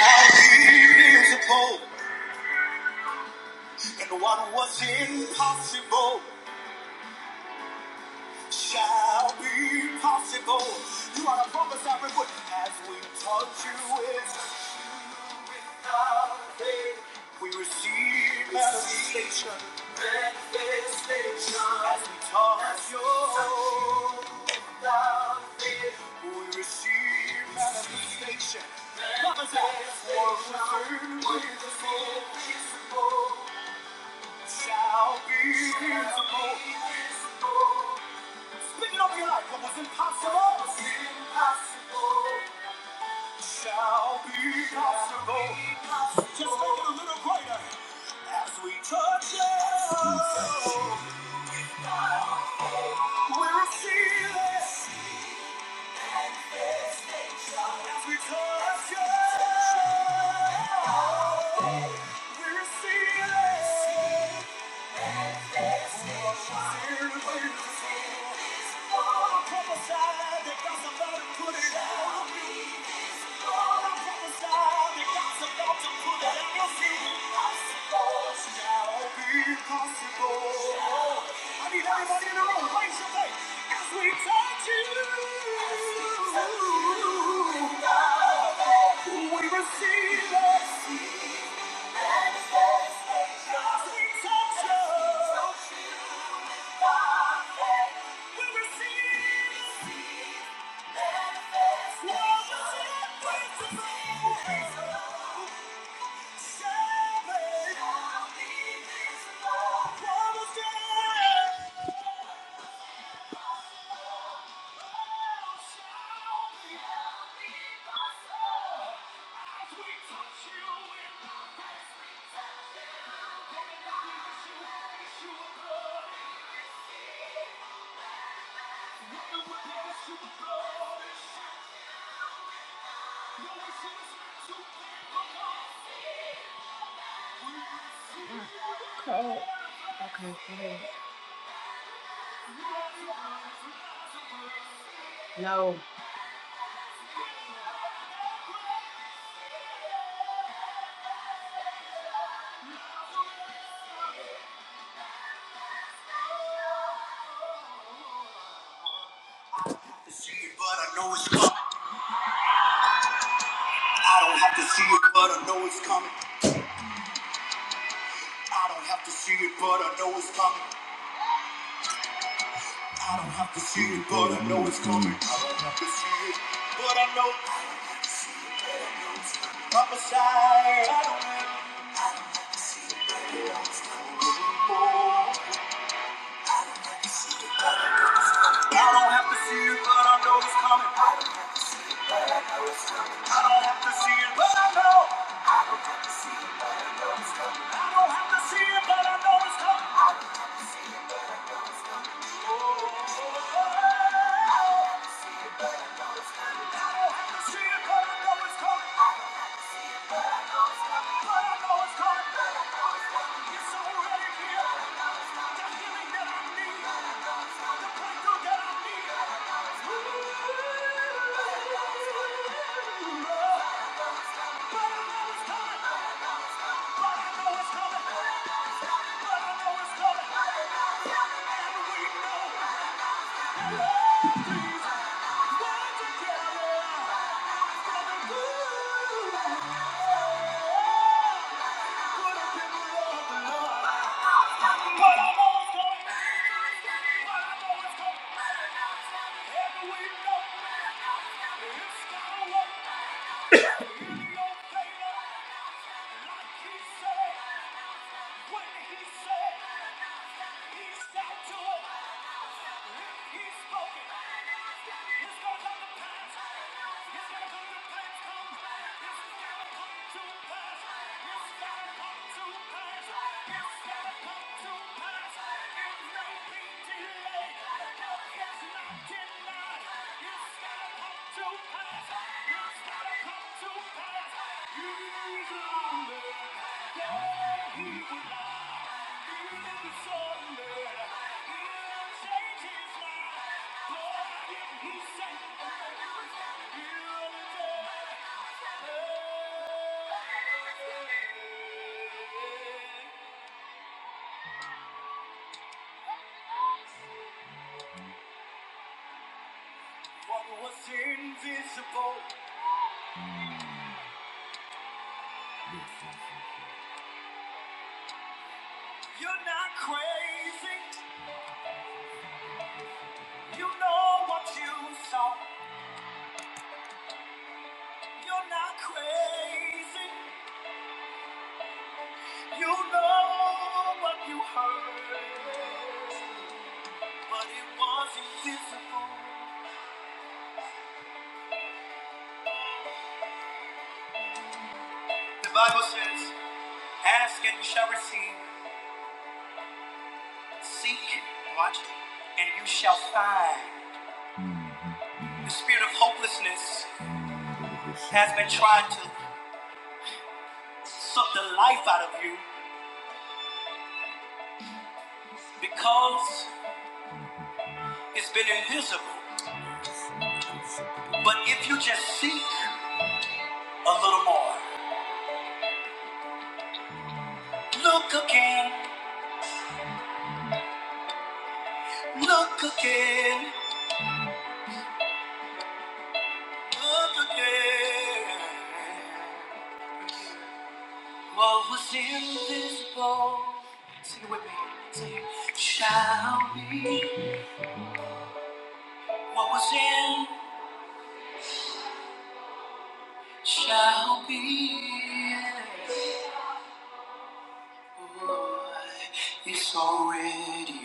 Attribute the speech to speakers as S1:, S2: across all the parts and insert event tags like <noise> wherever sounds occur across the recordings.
S1: All Invisible, and what was impossible shall be possible. You are the promise I would as we touch you with. We receive manifestation. Manifestation. As we touch your love, we receive manifestation. Promise what was invisible shall be visible. Speaking over your life, what was impossible, was impossible, shall be possible. Just make it a little greater as we touch you. We receive it as we touch you. We receive it. Prophesy that God's about to put it out. I need everybody in the room, raise your voice as we touch you. We receive it. As we touch you, we receive See it, but I know it's coming. I don't have to see it, but I know it's coming. I don't have to see it, but I know it's coming. I don't have to see it, but I know I don't have I know. I don't have to see it, but I know it's coming. I don't have to see it, but I know. But I know it's coming. And we know. What a people of the Lord. But I know it's coming. But I know it's coming. And we know it's gonna work. It don't like he said. When he said, he shall it. he spoke it, it's gonna come to pass. It's gonna come to pass. Come. It's gonna come to gonna come what was invisible? You're not crazy. You know what you saw. You're not crazy. You know what you heard, but it was invisible. The Bible says, Ask and you shall receive. Seek, watch, and you shall find. The spirit of hopelessness has been trying to suck the life out of you because it's been invisible. But if you just seek a little more, look again. What was invisible shall be. What was in shall be. It's already done.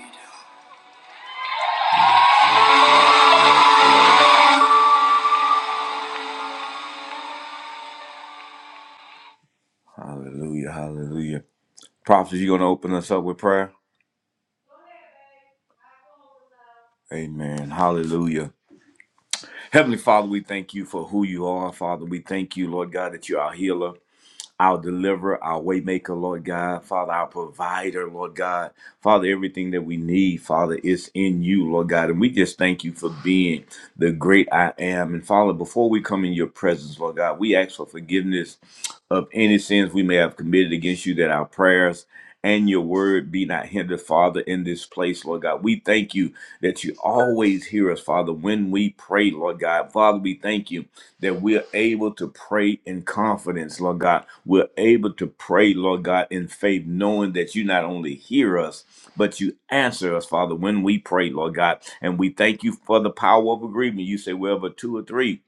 S1: Hallelujah, hallelujah. Prophets, you going to open us up with prayer? Amen. Hallelujah. Heavenly Father, we thank you for who you are. Father, we thank you, Lord God, that you are a healer. our deliverer, our waymaker, Lord God, Father, our provider, Lord God, Father, everything that we need, Father, is in you, Lord God, and we just thank you for being the great I am. And Father, before we come in your presence, Lord God, we ask for forgiveness of any sins we may have committed against you, that our prayers and your word be not hindered, Father, in this place, Lord God. We thank you that you always hear us, Father, when we pray, Lord God. Father, we thank you that we're able to pray in confidence, Lord God. We're able to pray, Lord God, in faith, knowing that you not only hear us, but you answer us, Father, when we pray, Lord God. And we thank you for the power of agreement. You say, wherever two or three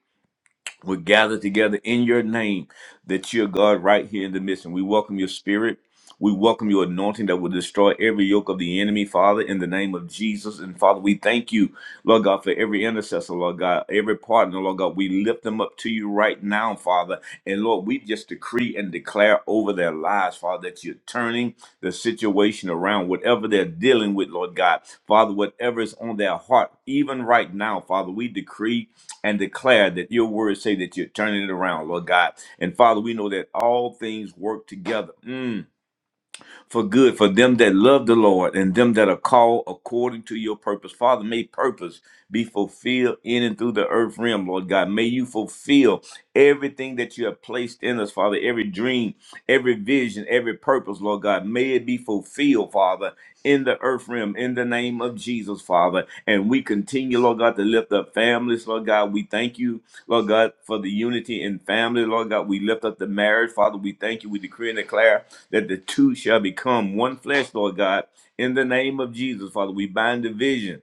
S1: we're gathered together in your name that you're God right here in the midst. And we welcome your spirit. We welcome your anointing that will destroy every yoke of the enemy, Father, in the name of Jesus. And Father, we thank you, Lord God, for every intercessor, Lord God, every partner, Lord God. We lift them up to you right now, Father. And Lord, we just just decree and declare over their lives, Father, that you're turning the situation around, whatever they're dealing with, Lord God. Father, whatever is on their heart, even right now, Father, we decree and declare that your words say that you're turning it around, Lord God. And Father, we know that all things work together. Mm for good for them that love the Lord and them that are called according to your purpose. Father, may purpose be fulfilled in and through the earth realm, Lord God. May you fulfill everything that you have placed in us, Father, every dream, every vision, every purpose, Lord God. May it be fulfilled, Father, in the the earth realm in the name of Jesus, Father. And we continue, Lord God, to lift up families, Lord God. We thank you, Lord God, for the unity in family, Lord God. We lift up the marriage, Father. We thank you. We decree and declare that the two shall become one flesh, Lord God. In the name of Jesus, Father, we bind division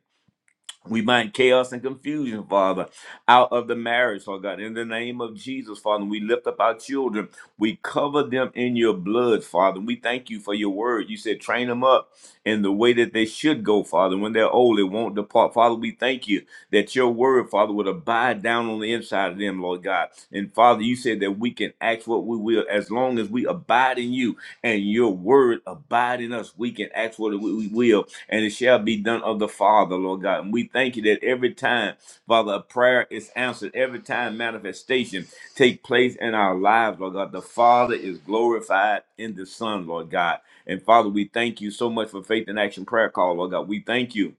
S1: we bind chaos and confusion, Father, out of the marriage, Lord God. In the name of Jesus, Father, we lift up our children. We cover them in your blood, Father. We thank you for your word. You said, train them up in the way that they should go, Father. When they're old, it won't depart. Father, we thank you that your word, Father, would abide down on the inside of them, Lord God. And Father, you said that we can ask what we will we as long as we abide in you and your word abide in us, we can ask what we we will, and it shall be done of the Father, Lord God. And we thank you that every time, Father, a prayer is answered, every time manifestation take place in our lives, Lord God, the Father is glorified in the Son, Lord God. And Father, we thank you so much for Faith in Action Prayer Call, Lord God. We thank you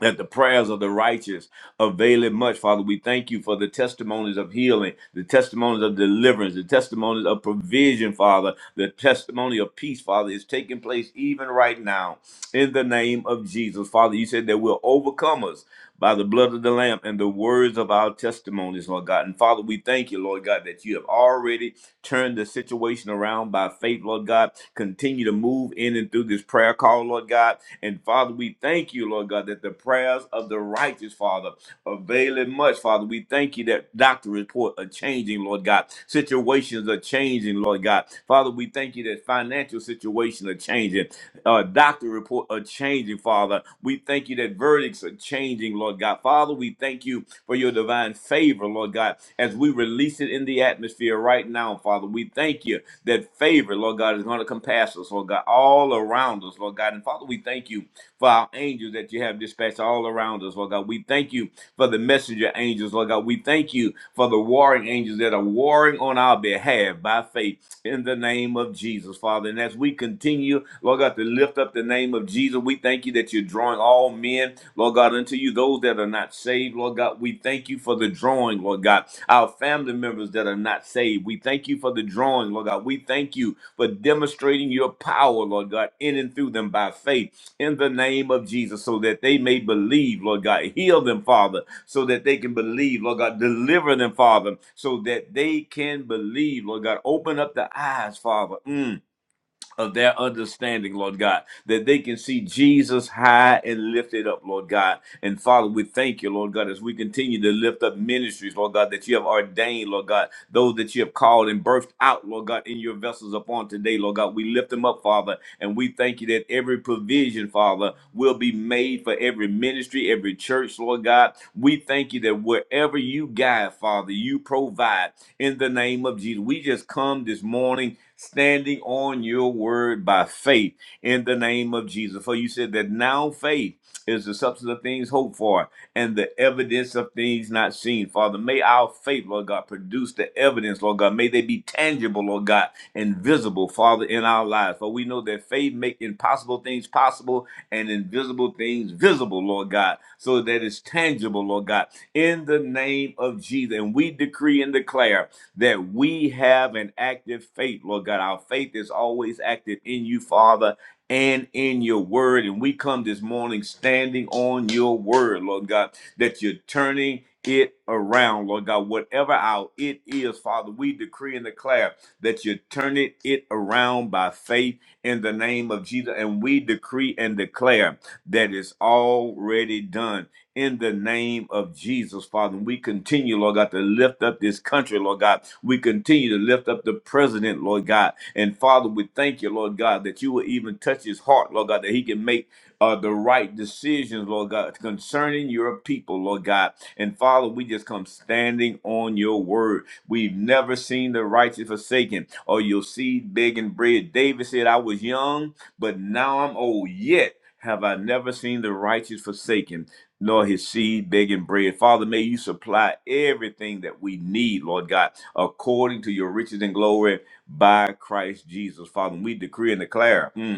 S1: that the prayers of the righteous availeth much. Father, we thank you for the testimonies of healing, the testimonies of deliverance, the testimonies of provision, Father, the testimony of peace, Father, is taking place even right now in the name of Jesus. Father, you said that we're overcomers by the blood of the Lamb and the words of our testimonies, Lord God. And Father, we thank you, Lord God, that you have already turned the situation around by faith, Lord God. Continue to move in and through this prayer call, Lord God. And Father, we thank you, Lord God, that the prayers of the righteous, Father, avail it much, Father. We thank you that doctor report are changing, Lord God. Situations are changing, Lord God. Father, we thank you that financial situations are changing. Uh, doctor report are changing, Father. Father. We thank you that verdicts are changing, Lord God. Father, we thank you for your divine favor, Lord God, as we release it in the atmosphere right now, Father. We thank you that favor, Lord God, is going to compass us, Lord God, all around us, Lord God. And Father, we thank you for our angels that you have dispatched all around us, Lord God. We thank you for the messenger angels, Lord God. We thank you for the warring angels that are warring on our behalf by faith in the name of Jesus, Father. And as we continue, Lord God, to lift up the name of Jesus. We thank you that you're drawing all men, Lord God, unto you, those that are not saved, Lord God. We thank you for the drawing, Lord God. Our family members that are not saved, we thank you for the drawing, Lord God. We thank you for demonstrating your power, Lord God, in and through them by faith in the name of Jesus, so that they may believe, Lord God. Heal them, Father, so that they can believe, Lord God. Deliver them, Father, so that they can believe, Lord God. Open up the eyes, Father. Mm of their understanding, Lord God, that they can see Jesus high and lifted up, Lord God. And Father, we thank you, Lord God, as we continue to lift up ministries, Lord God, that you have ordained, Lord God, those that you have called and birthed out, Lord God, in your vessels upon today, Lord God. We lift them up, Father, and we thank you that every provision, Father, will be made for every ministry, every church, Lord God. We thank you that wherever you guide, Father, you provide in the name of Jesus. We just come this morning standing on your word by faith in the name of Jesus. For you said that now faith is the substance of things hoped for and the evidence of things not seen. Father, may our faith, Lord God, produce the evidence, Lord God. May they be tangible, Lord God, and visible, Father, in our lives. For we know that faith makes impossible things possible and invisible things visible, Lord God, so that it's tangible tangible, Lord God, in the name of Jesus. And we decree and declare that we have an active faith, Lord God. Our faith is always active in you, Father, and in your word. And we come this morning standing on your word, Lord God, that you're turning it around, Lord God, whatever our it is, Father, we decree and declare that you turn it, it around by faith in the name of Jesus. And we decree and declare that it's already done in the name of Jesus, Father. And we continue, Lord God, to lift up this country, Lord God. We continue to lift up the president, Lord God. And Father, we thank you, Lord God, that you will even touch his heart, Lord God, that he can make uh, the right decisions, decisions, Lord God, concerning your people, Lord God. And Father, we just come standing on your word. We've never seen the righteous forsaken or your seed begging bread. David said, I was young, but now I'm old. Yet have I never seen the righteous forsaken, nor his seed begging bread. Father, may you supply everything that we need, Lord God, according to your riches and glory by Christ Jesus. Father, we decree and declare. mm,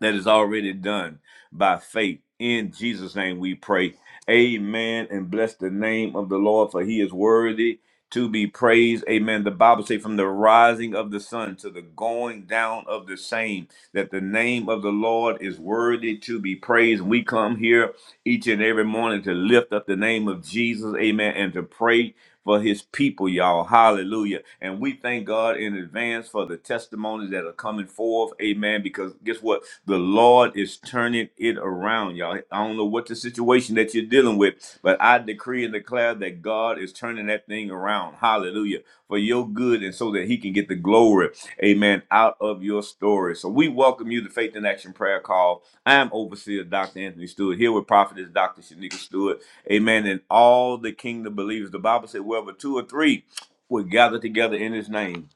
S1: that is already done by faith. In Jesus' name we pray. Amen. And bless the name of the Lord, for he is worthy to be praised. Amen. The Bible says, from the rising of the sun to the going down of the same, that the name of the Lord is worthy to be praised. We come here each and every morning to lift up the name of Jesus. Amen. And to pray for his people, y'all. Hallelujah. And we thank God in advance for the testimonies that are coming forth. Amen. Because guess what? The Lord is turning it around, y'all. I don't know what the situation that you're dealing with, but I decree and declare that God is turning that thing around. Hallelujah hallelujah, for your good and so that he can get the glory, amen, out of your story. So we welcome you to Faith in Action Prayer Call. I am Overseer Dr. Anthony Stewart, here with Prophetess Dr. Shanika Stewart, amen, and all the kingdom believers. The Bible said, wherever two or three would gather together in his name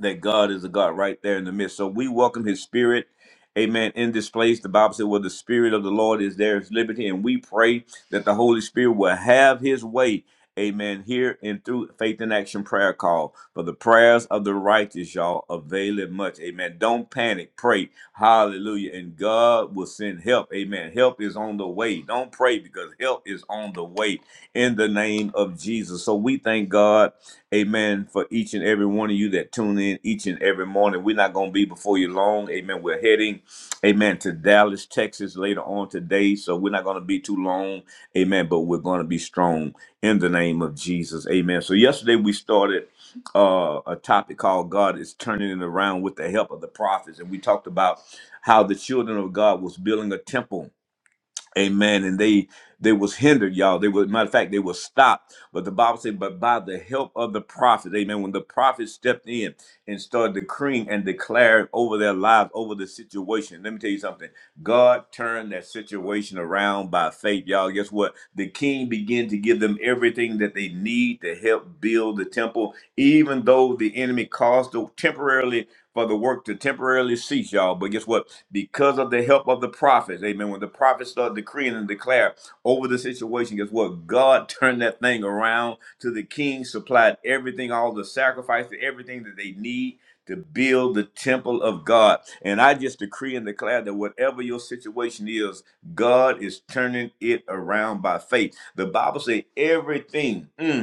S1: that God is a God right there in the midst. So we welcome his spirit. Amen. In this place, the Bible said, Well, the spirit of the Lord is there is liberty. And we pray that the Holy Spirit will have his way. Amen. Here and through Faith in Action Prayer Call. For the prayers of the righteous, y'all, avail it much. Amen. Don't panic. Pray. Hallelujah. And God will send help. Amen. Help is on the way. Don't pray because help is on the way in the name of Jesus. So we thank God God. Amen. For each and every one of you that tune in each and every morning, we're not going to be before you long. Amen. We're heading, amen, to Dallas, Texas later on today. So we're not going to be too long. Amen. But we're going to be strong in the name of Jesus. Amen. So yesterday we started uh, a topic called God is turning it around with the help of the prophets. And we talked about how the children of God was building a temple Amen. And they they was hindered, y'all. They were matter of fact, they were stopped. But the Bible said, but by the help of the prophet, amen. When the prophet stepped in and started decreeing and declaring over their lives, over the situation. Let me tell you something. God turned that situation around by faith, y'all. Guess what? The king began to give them everything that they need to help build the temple, even though the enemy caused the temporarily for the work to temporarily cease, y'all. But guess what? Because of the help of the prophets, amen. When the prophets started decreeing and declare over the situation, guess what? God <laughs> turned that thing around to the king, supplied everything, all the sacrifices, everything that they need to build the temple of God. And I just decree and declare that whatever your situation is, God is turning it around by faith. The Bible says everything. mm,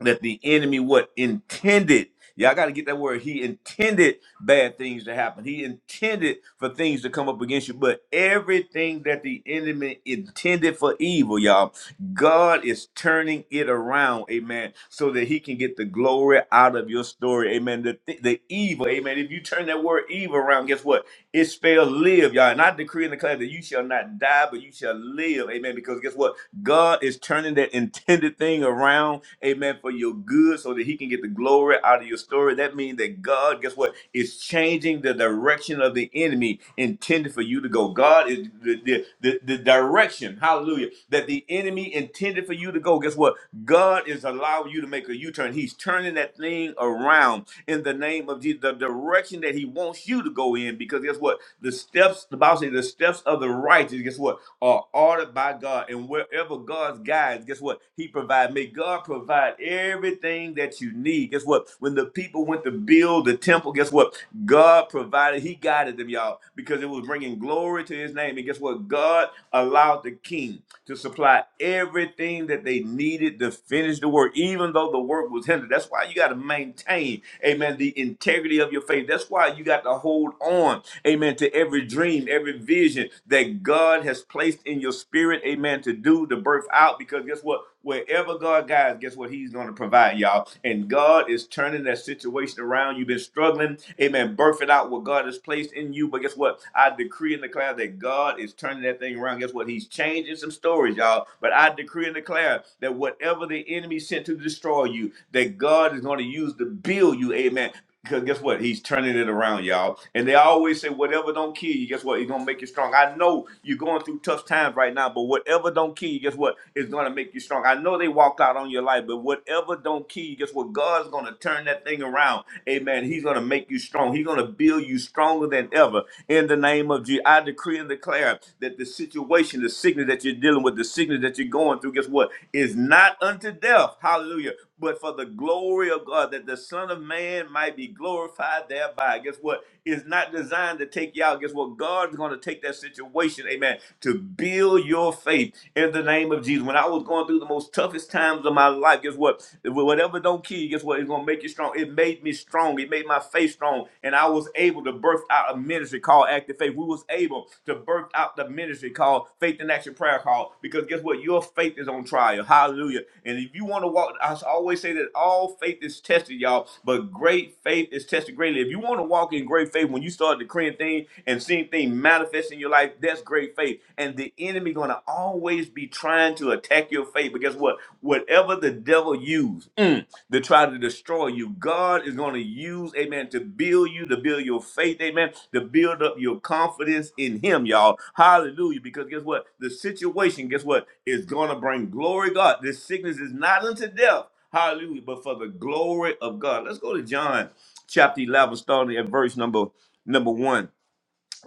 S1: that the enemy what intended y'all got to get that word he intended bad things to happen he intended for things to come up against you but everything that the enemy intended for evil y'all god is turning it around amen so that he can get the glory out of your story amen the, thi- the evil amen if you turn that word evil around guess what it spells live y'all and i decree and declare that you shall not die but you shall live amen because guess what god is turning that intended thing everything around, amen, for your good so that he can get the glory out of your story. That means that God, guess what, is changing the direction of the enemy intended for you to go. God is the, the, the, the direction, hallelujah, that the enemy intended for you to go. Guess what? God is allowing you to make a U turn. He's turning that thing around in the name of Jesus, the direction that he wants you to go in. Because guess what? The steps, the Bible says, the steps of the righteous, guess what, are ordered by God. And wherever God's guide provides. Guess what? He provides. May God provide everything that you need. Guess what? When the people went to build the temple, guess what? God provided. He guided them, y'all, because it was bringing glory to his name. And guess what? God allowed the king to supply everything that they needed to finish the work, even though the work was hindered. That's why you got to maintain, amen, the integrity of your faith. That's why you got to hold on, amen, to every dream, every vision that God has placed in your spirit, amen, to to do to birth out because guess what? Wherever God guides, guess what? He's going to provide y'all. And God is turning that situation around. You've been struggling, amen, birthing out what God has placed in you. But guess what? I decree and declare that God is turning that thing around. Guess what? He's changing some stories, y'all. But I decree and declare that whatever the enemy sent to destroy you, that God is going to use to build you, amen because guess what? He's turning it around, y'all. And they always say, whatever don't kill you, guess what? It's gonna make you strong. I know you're going through tough times right now, but whatever don't kill you, guess what? It's gonna make you strong. I know they walked out on your life, but whatever don't kill you, guess what? God's gonna turn that thing around. Amen. He's gonna make you strong. He's gonna build you stronger than ever. In the name of Jesus, I decree and declare that the situation, the sickness that you're dealing with, the sickness that you're going through, guess what? Is not unto death. Hallelujah but for the glory of God, that the Son of Man might be glorified thereby. Guess what? It's not designed to take you out. Guess what? God's going to take that situation, amen, to build your faith in the name of Jesus. When I was going through the most toughest times of my life, guess what? Whatever don't kill you, guess what? It's going to make you strong. It made me strong. It made my faith strong. And I was able to birth out a ministry called Active Faith if we was able to birth out the ministry called Faith in Action Prayer Call, because guess what? Your faith is on trial. Hallelujah. And if you want to walk, I always say that all faith is tested, y'all, but great faith is tested greatly. If you want to walk in great faith, when you start decreeing things and seeing things manifest in your life, that's great faith. And the enemy going to always be trying to attack your faith. But guess what? Whatever the devil used mm, to try to destroy you, God is going to use, amen, to build you, to build your faith, amen, to build up your confidence in Him, y'all. Hallelujah. Because guess what? The situation, guess what? Is going to bring glory, God. This sickness is not unto death. Hallelujah. But for the glory of God. Let's go to John chapter 11, starting at verse number number one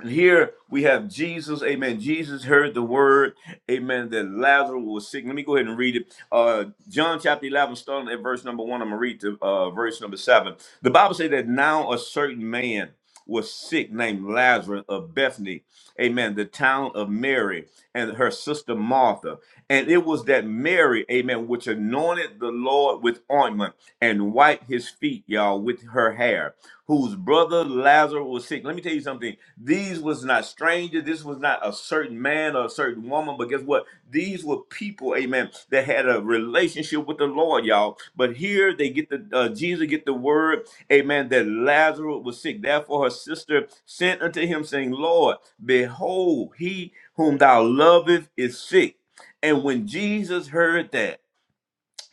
S1: here we have Jesus, amen. Jesus heard the word, amen, that Lazarus was sick. Let me go ahead and read it. Uh, John chapter 11, starting at verse number one, I'm going to read to uh, verse number seven. The Bible says that now a certain man was sick named Lazarus of Bethany, amen, the town of Mary and her sister Martha. And it was that Mary, amen, which anointed the Lord with ointment and wiped his feet, y'all, with her hair whose brother Lazarus was sick. Let me tell you something. These was not strangers. This was not a certain man or a certain woman. But guess what? These were people, amen, that had a relationship with the Lord, y'all. But here they get the uh, Jesus get the word, amen, that Lazarus was sick. Therefore her sister sent unto him, saying, Lord, behold, he whom thou lovest is sick. And when Jesus heard that.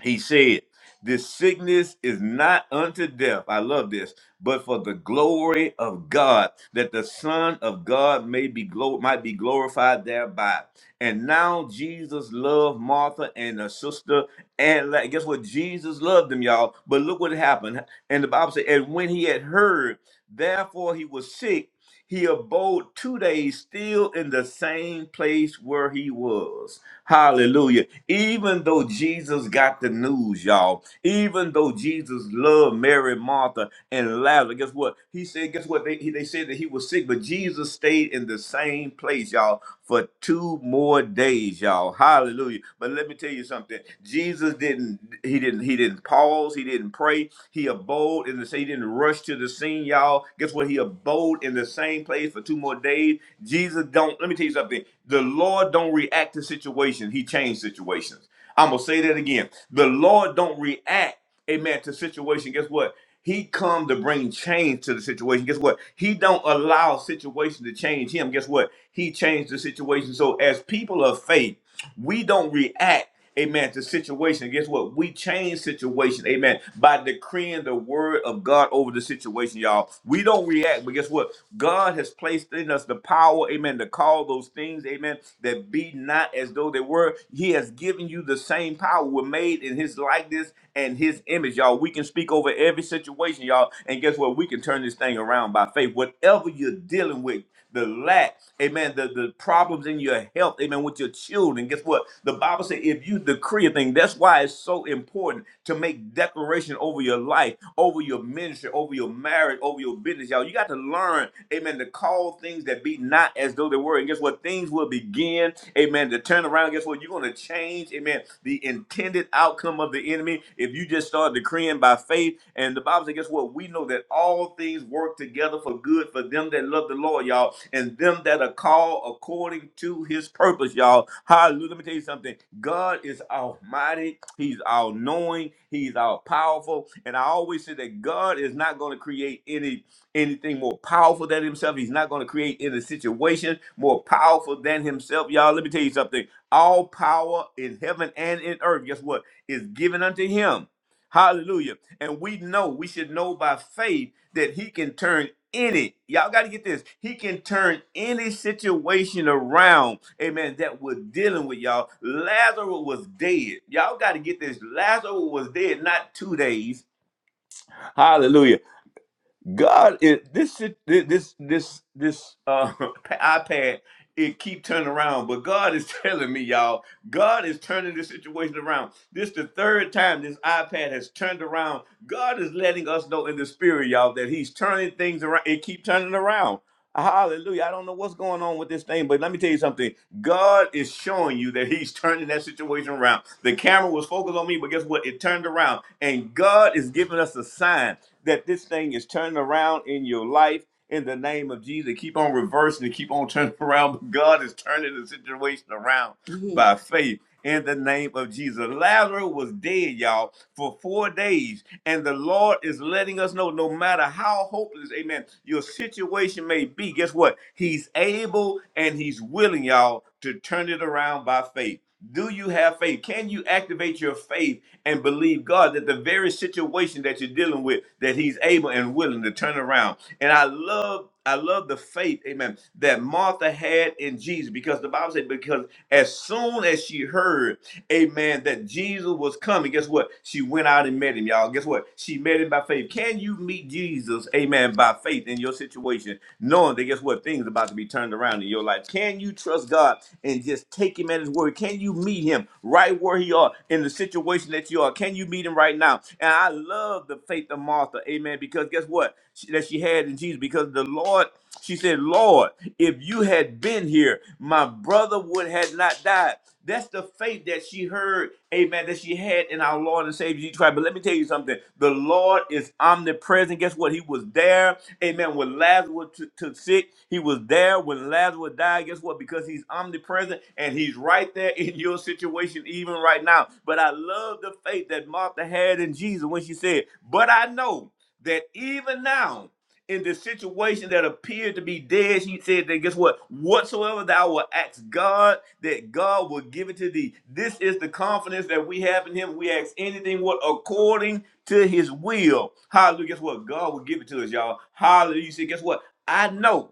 S1: He said, This sickness is not unto death. I love this, but for the glory of God, that the Son of God may be glo- might be glorified thereby. And now Jesus loved Martha and her sister. And like, guess what? Jesus loved them, y'all. But look what happened. And the Bible said, And when he had heard, therefore he was sick he abode two days still in the same place where he was. Hallelujah. Even though Jesus got the news, y'all, even though Jesus loved Mary, Martha, and Lazarus, guess what? He said, guess what? They, they said that he was sick, but Jesus stayed in the same place, y'all for two more days, y'all. Hallelujah. But let me tell you something. Jesus didn't he didn't he didn't pause, he didn't pray. He abode and say he didn't rush to the scene, y'all. Guess what? He abode in the same place for two more days. Jesus don't. Let me tell you something. The Lord don't react to situations. He changed situations. I'm gonna say that again. The Lord don't react, amen, to situation. Guess what? He come to bring change to the situation. Guess what? He don't allow situation to change him. Guess what? He changed the situation. So as people of faith, we don't react amen, to situation. Guess what? We change situation, amen, by decreeing the word of God over the situation, y'all. We don't react, but guess what? God has placed in us the power, amen, to call those things, amen, that be not as though they were. He has given you the same power. We're made in his likeness, and his image, y'all. We can speak over every situation, y'all. And guess what? We can turn this thing around by faith. Whatever you're dealing with, the lack, amen, the, the problems in your health, amen, with your children. Guess what? The Bible says if you decree a thing, that's why it's so important to make declaration over your life, over your ministry, over your marriage, over your business, y'all. You got to got to learn, amen, to call things that be not as though they were. And guess what? Things will begin, amen, to turn around. Guess what? You're going to change, amen, the intended outcome of the enemy if you just start decreeing by faith. And the Bible says, guess what? We know that all things work together for good for them that love the Lord, y'all, and them that are called according to his purpose us, y'all. Hallelujah. Let me tell you something. God is almighty. He's all knowing. He's all powerful. And I always say that God is not going to create any anything more powerful than himself. He's not going to create any situation more powerful than himself. Y'all, let me tell you something. All power in heaven and in earth, guess what? Is given unto him. Hallelujah. And we know, we should know by faith that he can turn any, y'all got to get this, he can turn any situation around, amen, that we're dealing with, y'all. Lazarus was dead. Y'all got to get this. Lazarus was dead not two days. Hallelujah. God is this shit- this this this uh <laughs> iPad it keep turning around, but God is <laughs> telling me, y'all, God is turning this situation around. This the third time this iPad has turned around. God is letting us know in the spirit, y'all, that He's turning things around. It keep turning around. Hallelujah. I don't know what's going on with this thing, but let me tell you something. God is showing you that He's turning that situation around. The camera was focused on me, but guess what? It turned around. And God is giving us a sign that this thing is turning around in your life in the name of Jesus. Keep on reversing and keep on turning <laughs> around. But God is turning the situation around Yes. by faith in the name of Jesus. Lazarus was dead, y'all, for four days. And the Lord is letting us know no matter how hopeless, amen, your situation may be, guess what? He's able and He's willing, y'all, to turn it around by faith. Do you have faith? Can you activate your faith and believe God that the very situation that you're dealing with, that He's able and willing to turn around? And I love I love the faith, amen, that Martha had in Jesus because the Bible said, because as soon as she heard, amen, that Jesus was coming, guess what? She went out and met him, y'all. Guess what? She met him by faith. Can you meet Jesus, amen, by faith in your situation, knowing that, guess what? Things are about to be turned around in your life. Can you trust God and just take him at his word? Can you meet him right where he are in the situation that you are? Can you meet him right now? And now I love the faith of Martha, amen, because guess what? She- that she had in Jesus, because the Lord, she said, Lord, if you had been here, my brother would have not died. That's the faith that she heard, amen, that she had in our Lord and Savior Jesus Christ. But let me tell you something. The Lord is omnipresent. Guess what? He was there, amen, when Lazarus was t- took sick. He was there when Lazarus died. Guess what? Because he's omnipresent and he's right there that in your situation even right now. But I love the faith that Martha had in Jesus when she said, But I know that even now, in the situation that appeared to be dead, she said that guess what? Whatsoever thou will ask God, that God will give it to thee. This is the confidence that we have in Him. We ask anything what according to His will. Hallelujah. Guess what? God will give it to us, y'all. Hallelujah. You see, guess what? I know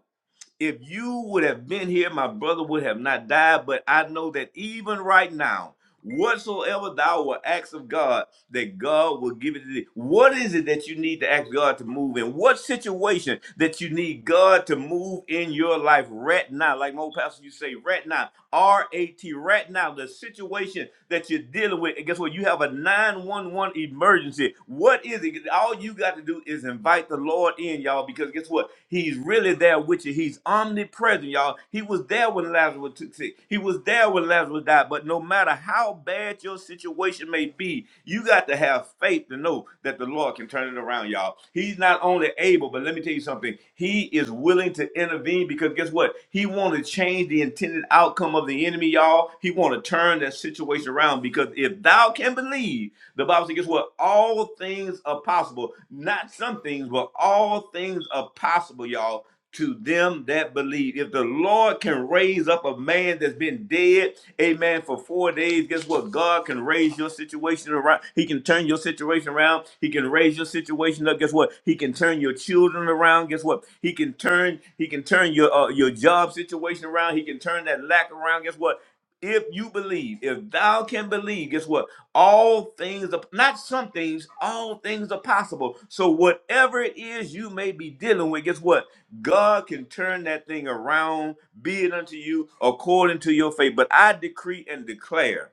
S1: if you would have been here, my brother would have not died. But I know that even right now, whatsoever thou will ask of God, that God will give it to thee. What is it that you need to ask God to move in? What situation that you need God to move in your life right now? Like my old pastor, you say, right now, R A T, right now, the situation that you're dealing with. And guess what? You have a 911 emergency. What is it? All you got to do is invite the Lord in, y'all, because guess what? He's really there with you. He's omnipresent, y'all. He was there when Lazarus was sick. He was there when Lazarus died. But no matter how bad your situation may be, you got to have faith to know that the Lord can turn it around, y'all. He's not only able, but let me tell you something. He is willing to intervene because guess what? He want to change the intended outcome of the enemy, y'all. He want to turn that situation around around because if thou can believe, the Bible says, guess what? All things are possible. Not some things, but all things are possible, y'all, to them that believe. If the Lord can raise up a man that's been dead, amen, for four days, guess what? God can raise your situation around. He can turn your situation around. He can raise your situation up. Guess what? He can turn your children around. Guess what? He can turn, he can turn your uh, your job situation around. He can turn that lack around. Guess what? If you believe, if thou can believe, guess what? All things, are, not some things, all things are possible. So whatever it is you may be dealing with, guess what? God can turn that thing around, be it unto you according to your faith. But I decree and declare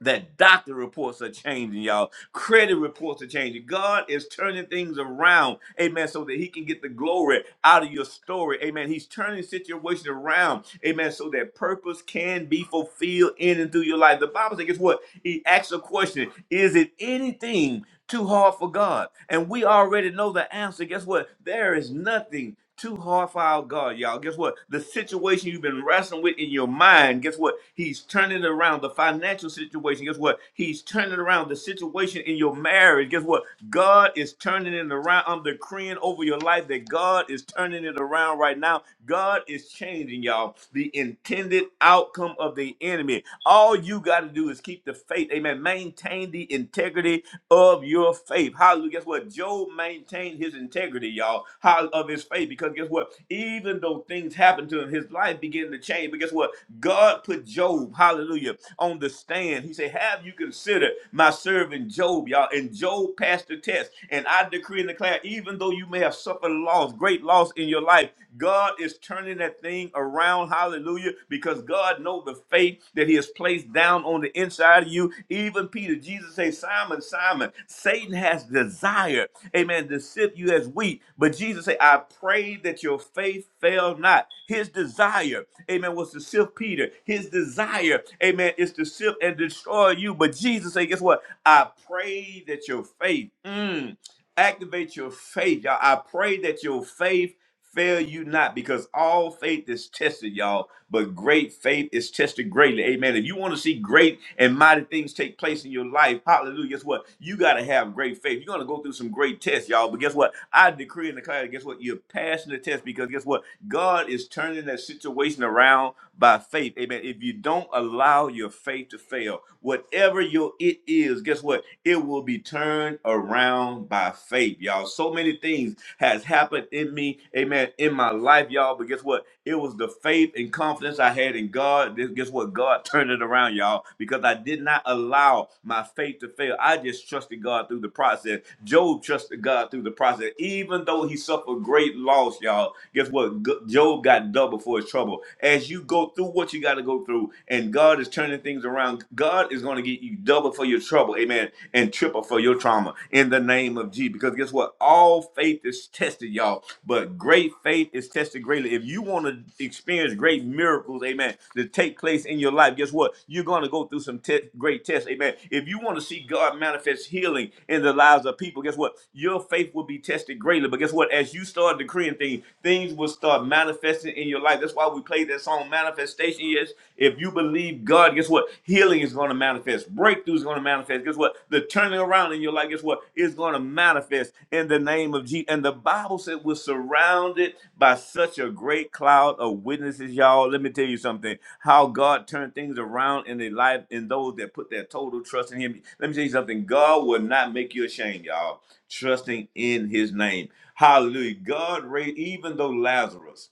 S1: that doctor reports are changing, y'all. Credit reports are changing. God is turning things around, amen, so that He can get the glory out of your story, amen. He's turning situations around, amen, so that purpose can be fulfilled in and through your life. The Bible says, guess what? He asks a question Is it anything too hard for God. And we already know the answer. Guess what? There is nothing too hard for our God, y'all. Guess what? The situation you've been wrestling with in your mind, guess what? He's turning it around. The financial situation, guess what? He's turning it around. The situation in your marriage, guess what? God is turning it around. I'm decreeing over your life that God is turning it around right now. God is changing, y'all, the intended outcome of the enemy. All you got to do is do is keep the faith. Amen. Maintain the integrity of your faith. Hallelujah. Guess what? Job maintained his integrity, y'all, how of his faith. Because guess what? Even though things happened to him, his life began to change. But guess what? God put Job, hallelujah, on the stand. He said, Have you considered my servant Job, y'all? And Job passed the test. And I decree and declare, even though you may have suffered loss, great loss in your life, God is turning that thing around. Hallelujah. Hallelujah. Because God knows the faith that He has placed down on the inside of you. Even Peter, Jesus says, Simon, Simon, Satan has desired, amen, to sift you as wheat. But Jesus said, I pray that your faith fail not. His desire, amen, was to sift Peter. His desire, amen, is to sift and destroy you. But Jesus said, guess what? I pray that your faith, mm, activate your faith. y'all. I pray that your faith fail you not because all faith is tested y'all but great faith is tested greatly amen if you want to see great and mighty things take place in your life hallelujah guess what you got to have great faith you're going to go through some great tests y'all but guess what i decree and declare guess what you're passing the test because guess what god is turning that situation around by faith. Amen. If you don't allow your faith to fail, whatever your it is, guess what? It will be turned around by faith, y'all. So many things has happened in me, amen, in my life, y'all. But guess what? It was the faith and confidence I had in God. Guess guess what? God turned it around, y'all, because I did not allow my faith to fail. I just trusted God through the process. Job trusted God through the process, even though he suffered great loss, y'all. Guess what? G- Job got double for his trouble as you go through what you got to go through, and God is turning things around. God is going to get you double for your trouble, amen, and triple for your trauma in the name of Jesus. Because guess what? All faith is tested, y'all, but great faith is tested greatly. If you want to experience great miracles, amen, to take place in your life, guess what? You're going to go through some te- great tests, amen. If you want to see God manifest healing in the lives of people, guess what? Your faith will be tested greatly. But guess what? As you start decreeing things, things will start manifesting in your life your life. That's why we play that song. Manifestation is if you believe God, guess what? Healing is going to manifest. Breakthrough is going to manifest. Guess what? The turning around in your life, guess what? Is going to manifest in the name of Jesus. And the Bible said we're surrounded by such a great cloud of witnesses, y'all. Let me tell you something. How God turned things around in their life in those that put their total trust in Him. Let me tell you something. God will not make you ashamed, y'all. Trusting in His name. Hallelujah. God raised, even though Lazarus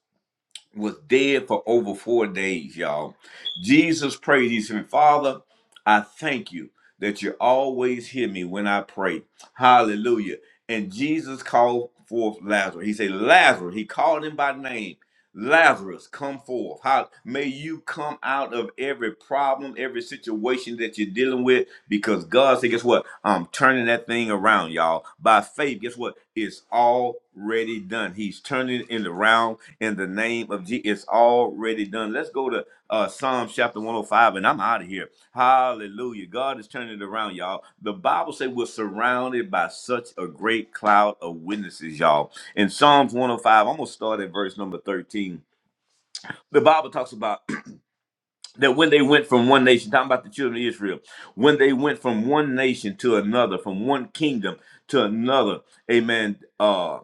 S1: was dead for over four days, y'all. Jesus prayed. He said, Father, I thank you that you always hear me when I pray. Hallelujah. And Jesus called forth Lazarus. He said, Lazarus, he called him by name. Lazarus, come forth. How may you come out of every problem, every situation that you're dealing with? Because God said, guess what? I'm turning that thing around, y'all. By faith guess what? It's already done. He's turning it around in the name of Jesus. It's already done. Let's go to uh, Psalms chapter 105, and I'm out of here. Hallelujah. God is turning it around, y'all. The Bible says we're surrounded by such a great cloud of witnesses, y'all. In Psalms 105, I'm going to start at verse number 13. The Bible talks about <clears throat> that when they went from one nation, talking about the children of Israel, when they went from one nation to another, from one kingdom to another, amen. Uh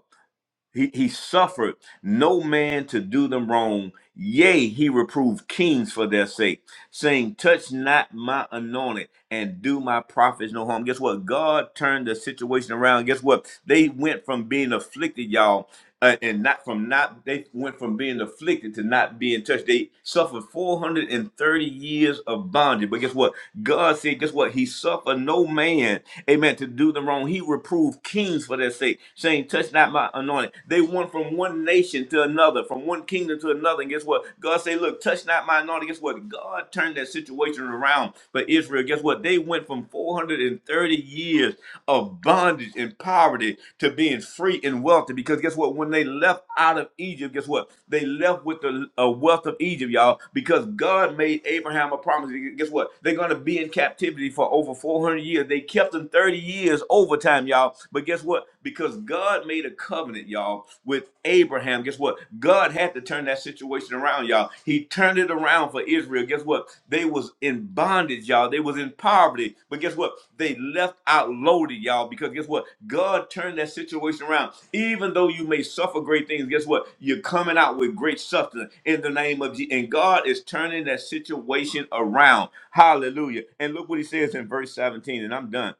S1: he, he suffered no man to do them wrong. Yea, he reproved kings for their sake, saying, Touch not my anointed and do my prophets no harm. Guess what? God turned the situation around. Guess what? They went from being afflicted, y'all uh, and not from not they went from being afflicted to not being touched. They suffered 430 years of bondage. But guess what? God said, guess what? He suffered no man, amen, to do them wrong. He reproved kings for their sake, saying, Touch not my anointing. They went from one nation to another, from one kingdom to another. And guess what? God said, Look, touch not my anointing. Guess what? God turned that situation around for Israel. Guess what? Lord, they went from 430 years of bondage and poverty to being free and wealthy. Because guess what? When they left out of Egypt, guess what? They left with the uh, wealth of Egypt, y'all, because God made Abraham a promise. Guess what? They're going to be in captivity for over 400 years. They kept them 30 years overtime, y'all. But guess what? Because God made a covenant, y'all, with Abraham, guess what? God had to turn that situation around, y'all. He turned it around for Israel. Guess what? They was in bondage, y'all. They was in poverty. But guess what? They left out loaded, y'all, because guess what? God turned that situation around. Even though you may suffer great things, guess what? You're coming out with great substance in the name of Jesus. And God is turning that situation around. Hallelujah. And look what he says in verse 17, and I'm done.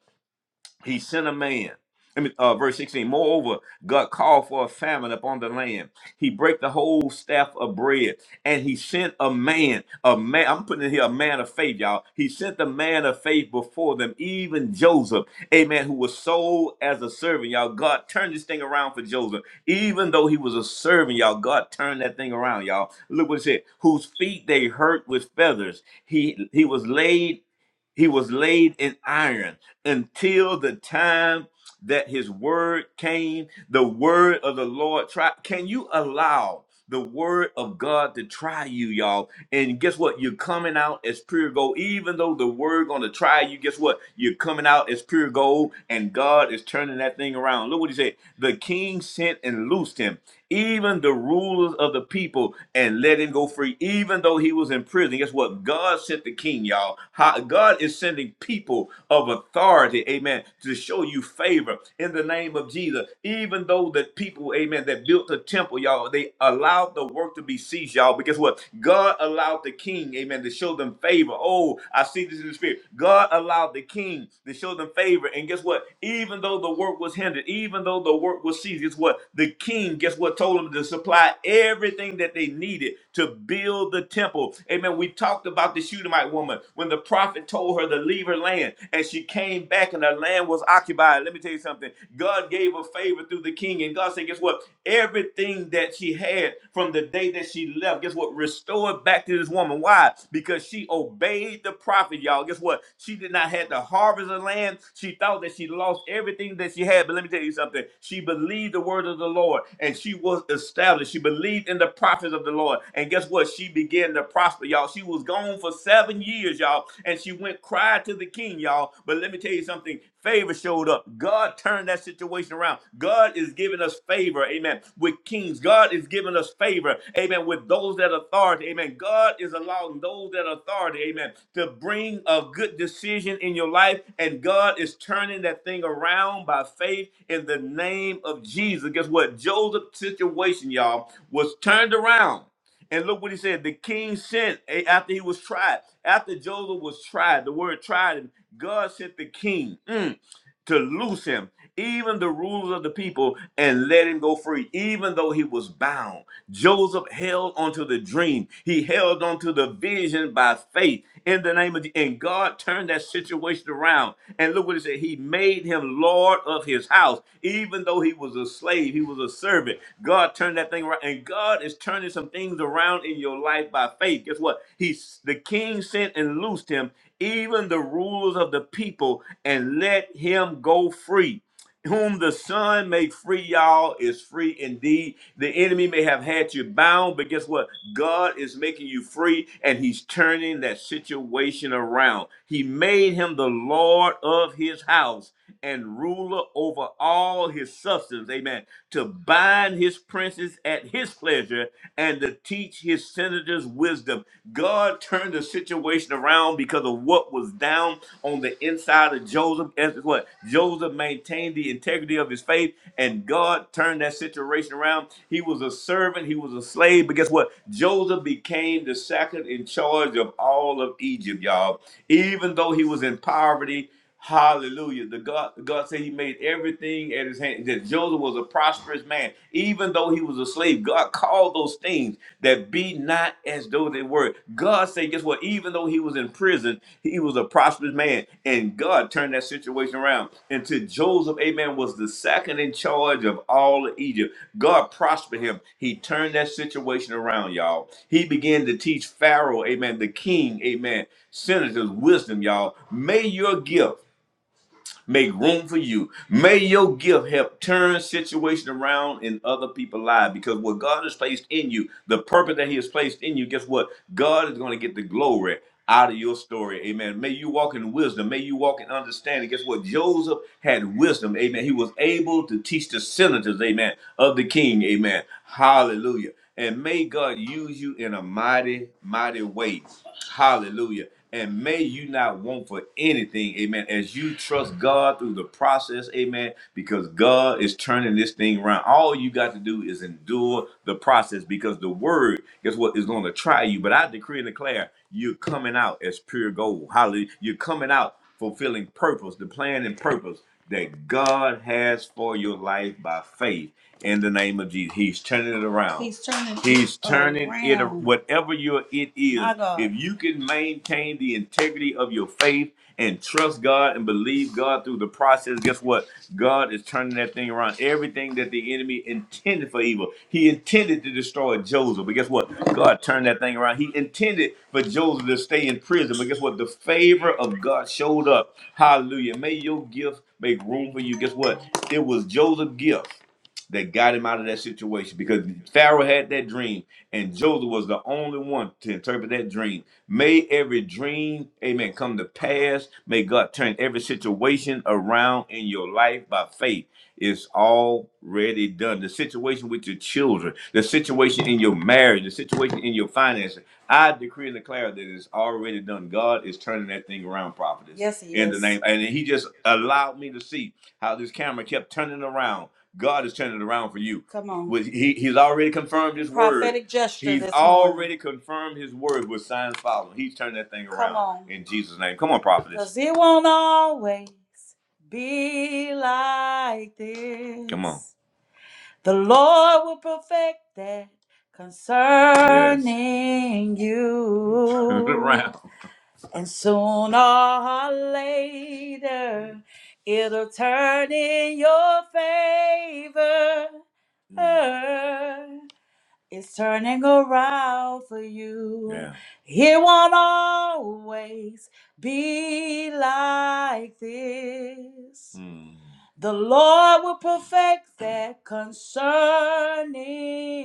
S1: He sent a man. I mean, uh, verse 16. Moreover, God called for a famine upon the land. He break the whole staff of bread, and he sent a man, a man. I'm putting in here a man of faith, y'all. He sent the man of faith before them, even Joseph, amen, who was sold as a servant, y'all. God turned this thing around for Joseph, even though he was a servant, y'all. God turned that thing around, y'all. Look what it said. Whose feet they hurt with feathers. He he was laid he was laid in iron until the time that his word came, the word of the Lord. Try, can you allow the word of God to try you, y'all? And guess what? You're coming out as pure gold. Even though the word gonna try you, guess what? You're coming out as pure gold, and God is turning that thing around. Look what he said. The king sent and loosed him. Even the rulers of the people people and let him go free, even though he was in prison. Guess what? God sent the king, y'all. How- God is sending people of authority, amen, to show you favor in the name of Jesus. Even though the people, amen, that built the temple, y'all, they allowed the work to be ceased, y'all. But guess what? God allowed the king, amen, to show them favor. Oh, I see this in the spirit. God allowed the king to show them favor. And guess what? Even though the work work was hindered, even though the work was ceased, guess what? The king, guess what, told them to supply everything that they needed to build the temple. Amen. We talked about the Shunammite woman when the prophet told her to leave her land and she came back and her land was occupied. Let me tell you something. God gave her favor through the king, and God said, guess what? Everything that she had from the day that she left, guess what? Restored back to this woman. Why? Because she obeyed disobeyed the prophet, y'all. Guess what? She did not have to harvest her land. She thought that she lost everything that she had. But let me tell you something. She believed the word of the Lord and she was established. She believed in the prophets of the Lord. And guess what? She began to prosper, y'all. She was gone for seven years, y'all. And she went cry to the king, y'all. But let me tell you something. Favor showed up. God turned that situation around. God is giving us favor, amen, with kings. God is giving us favor, amen, with those that are authority, amen. God is allowing those that are authority, amen, to bring a good decision in your life, and God is turning that thing around by faith in the name of Jesus. Guess what? Joseph's situation, y'all, was turned around and look what he said. The king sent eh, after he was tried. After Joseph was tried, the word tried him. God sent the king. Mm to loose him, even the rulers of the people, and let him go free, even though he was bound. Joseph held onto the dream. He held onto the vision by faith in the name of the, and God turned that situation around. And look what it said. He made him Lord of his house, even though he was a slave, he was a servant. God turned that thing around. And God is turning some things around in your life by faith. Guess what? He's the king sent and loosed him even the rulers of the people, and let him go free. Whom the Son may free, y'all, is free indeed. The enemy may have had you bound, but guess what? God is making you free, and He's turning that situation around. He made him the Lord of his house and ruler over all his substance. Amen. To bind his princes at his pleasure and to teach teach his senators wisdom. God turned the situation around because of what was down on the inside of Joseph. As what Joseph maintained the integrity of his faith, and God turned that situation around. He was a servant, he was a slave, but guess what? Joseph became the second in charge of all of Egypt, y'all. Even though he was in poverty. Hallelujah. The God, God said he made everything at his hand. That Joseph was a prosperous man. Even though he was a slave, God called those things that be not as though they were. God said, guess what? Even though he was in prison, he was a prosperous man. And God turned that situation around. Until Joseph, amen, was the second in charge of all of Egypt. God prospered him. He turned that situation around, y'all. He began to teach Pharaoh, amen, the king, amen, senators wisdom, y'all. May your gift make room for you. May your gift help turn situation around in other people's lives because what God has placed in you, the purpose that He has placed in you, guess what? God is going to get the glory out of your story. Amen. May you walk in wisdom. May you walk in understanding. Guess what? Joseph had wisdom. Amen. He was able to teach the senators, amen, of the king. Amen. Hallelujah. And may God use you in a mighty, mighty way. Hallelujah. And may you not want for anything, amen, as you trust God through the process, amen, because God is turning this thing around. All you got to do is endure the process because the word, guess what, is going to try you. But I decree and declare, you're coming out as pure gold. Hallelujah. You're coming out fulfilling purpose, the plan and purpose that God has for your life by faith in the name of Jesus. He's turning it around. He's turning it He's turning it ar- around. whatever your it is. My God. If you can maintain the integrity of your faith and trust God and believe God through the process, guess what? God is turning that thing around. Everything that the enemy intended for evil, he intended to destroy Joseph. But guess what? God turned that thing around. He intended for Joseph to stay in prison. But guess what? The favor of God showed up. Hallelujah. May your gift make room for you. Guess what? It was Joseph's gift that got him out of that situation because Pharaoh had that dream and Joseph was the only one to interpret that dream. May every dream, amen, come to pass. May God turn every situation around in your life by faith. It's already done. The situation with your children, the situation in your marriage, the situation in your finances. I decree and declare that it's already done. God is turning that thing around, prophetess. Yes, he In the is. name, and He just allowed me to see how this camera kept turning around God is turning it around for you. Come on. With he, he's already confirmed his word. Prophetic gesture He's this morning. already confirmed his word with signs following. He's turned that thing Come around on. in Jesus' name. Come on, prophetess. Because it won't always be like this. Come on. The Lord will perfect that Yes. concerning <laughs> you. Turn it around. And sooner or later, it'll turn in your favor. It's turning around for you. Yeah. It won't always be like this. Mm. The Lord will perfect that concerning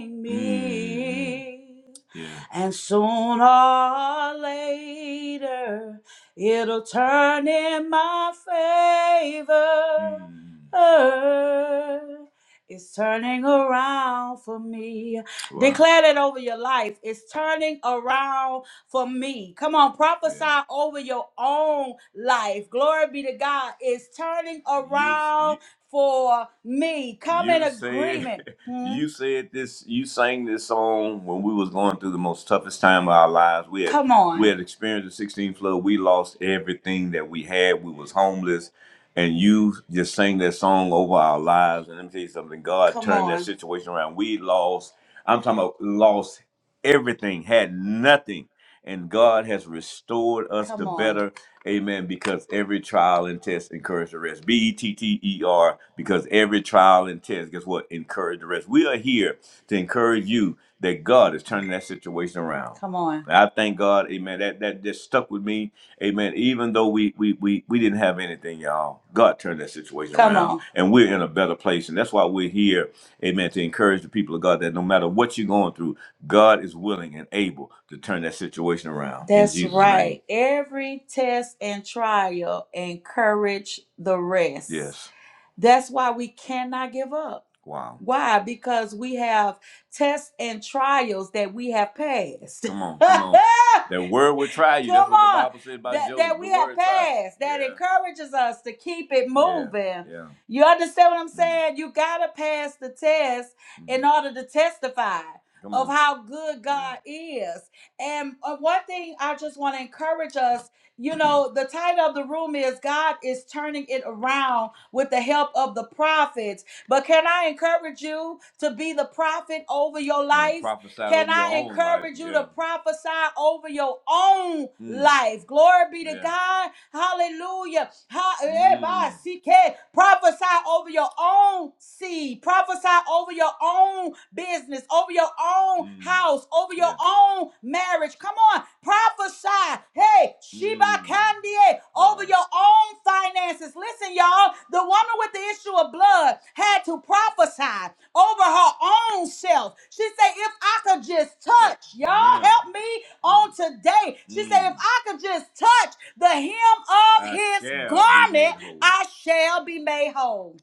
S1: Mm. me. Mm. Yeah. And sooner or later, it'll turn in my favor. Mm. It's turning around for me. Wow. Declare that over your life. It's turning around for me. Come on, prophesy Yeah. over your own life. Glory be to God. It's turning around You you around for me. Come in you said agreement. Said, <laughs> Hmm? you said this you sang this song when we was going through the most toughest time of our lives we had Come on. we had experienced the 16 flood we lost everything that we had we was homeless and you just sang that song over our lives. And let me tell you something, God Come turned that on. situation around. We lost, I'm talking about lost everything, had nothing. And God has restored us to Come on. better. Amen. Because every trial and test encouraged the rest. B E T T E R. Because every trial and test, guess what? Encouraged the rest. We are here to encourage you that God is turning that situation around. Come on. And I thank God, amen. That that just stuck with me Amen. Even though we we we, we didn't have anything, y'all, God turned that situation Come around, on. and we're in a better place. And that's why we're here, Amen, to encourage the people of God that no matter what you're going through, God is willing and able to turn that situation around. In That's Jesus' name, right. Every test and trial encourage the rest. yes. That's why we cannot give up. Wow. Why? <laughs> Because we have tests and trials that we have passed. <laughs> Come on, come on. <laughs> The word will try you. That's Come That's what the on. the Bible said about That, Joseph. that we have passed, that Yeah. encourages us to keep it Yeah. moving. Yeah. Yeah. You understand what I'm Mm, saying? Mm-hmm. You got to pass the test mm-hmm. in mm. order to testify of how good Yeah. God yeah. is. And uh, one thing I just want to encourage us you know, the title of the room is God is turning it around with the help of the prophets but can I encourage you to be the prophet over your Mm, life? prophesy Can over your I your own life. encourage you Yeah. to prophesy over your own Mm, life? Glory be to yeah. God. Hallelujah. Ha- eh, ba, Mm, si, ke. Prophesy over your own seed. Prophesy over your own business, over your own mm, house, over your yeah. own marriage. Come on. Prophesy. Hey, Sheba Mm. Kandie over Wow. your own finances. Listen, y'all, the woman with the issue of blood had to prophesy over her own self. She said, if I could just Yeah. touch, y'all Yeah. help me on Mm. today. She said, if Mm. I could just touch the hem of I his shall be garment, made whole. I shall be made whole.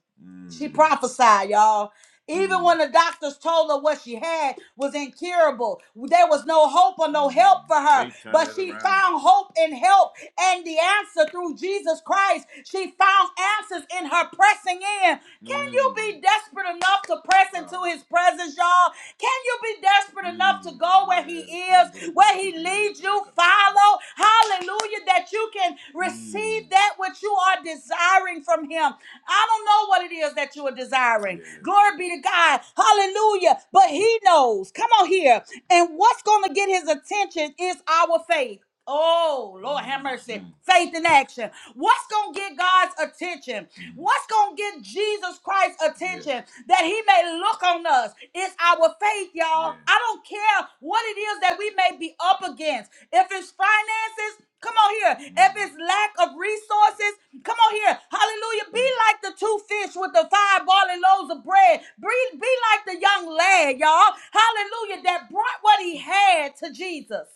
S1: She Mm. prophesied, y'all. Even when the doctors told her what she had was incurable, there was no hope or no help for her. But she found hope and help and the answer through Jesus Christ. She found answers in her pressing in. Can you Mm. be desperate enough to press into Wow. his presence, y'all? Can you be desperate enough Mm. to go where he Yes. is, Mm. where he leads you? Follow know, hallelujah, that you can receive Mm. that which you are desiring from Him. I don't know what it is that you are desiring. Yeah. Glory be to God. Hallelujah. But He knows. Come on here. And what's going to get His attention is our faith. Oh, Lord have mercy. Mm. Faith in action. What's going to get God's attention? Mm. What's going to get Jesus Christ? Christ's attention yes, that he may look on us. It's our faith, y'all. Yes. I don't care what it is that we may be up against. If it's finances, come on here. If it's lack of resources, come on here. Hallelujah. Be like the two fish with the five barley loaves of bread. Be, be like the young lad, y'all. Hallelujah. That brought what he had to Jesus.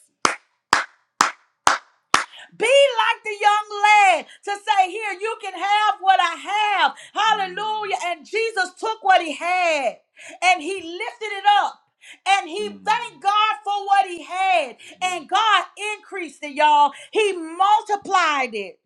S1: Be like the young lad to say, Here, you can have what I have. Hallelujah. And Jesus took what he had and he lifted it up. And he thanked God for what he had. And God increased it, y'all. He multiplied it.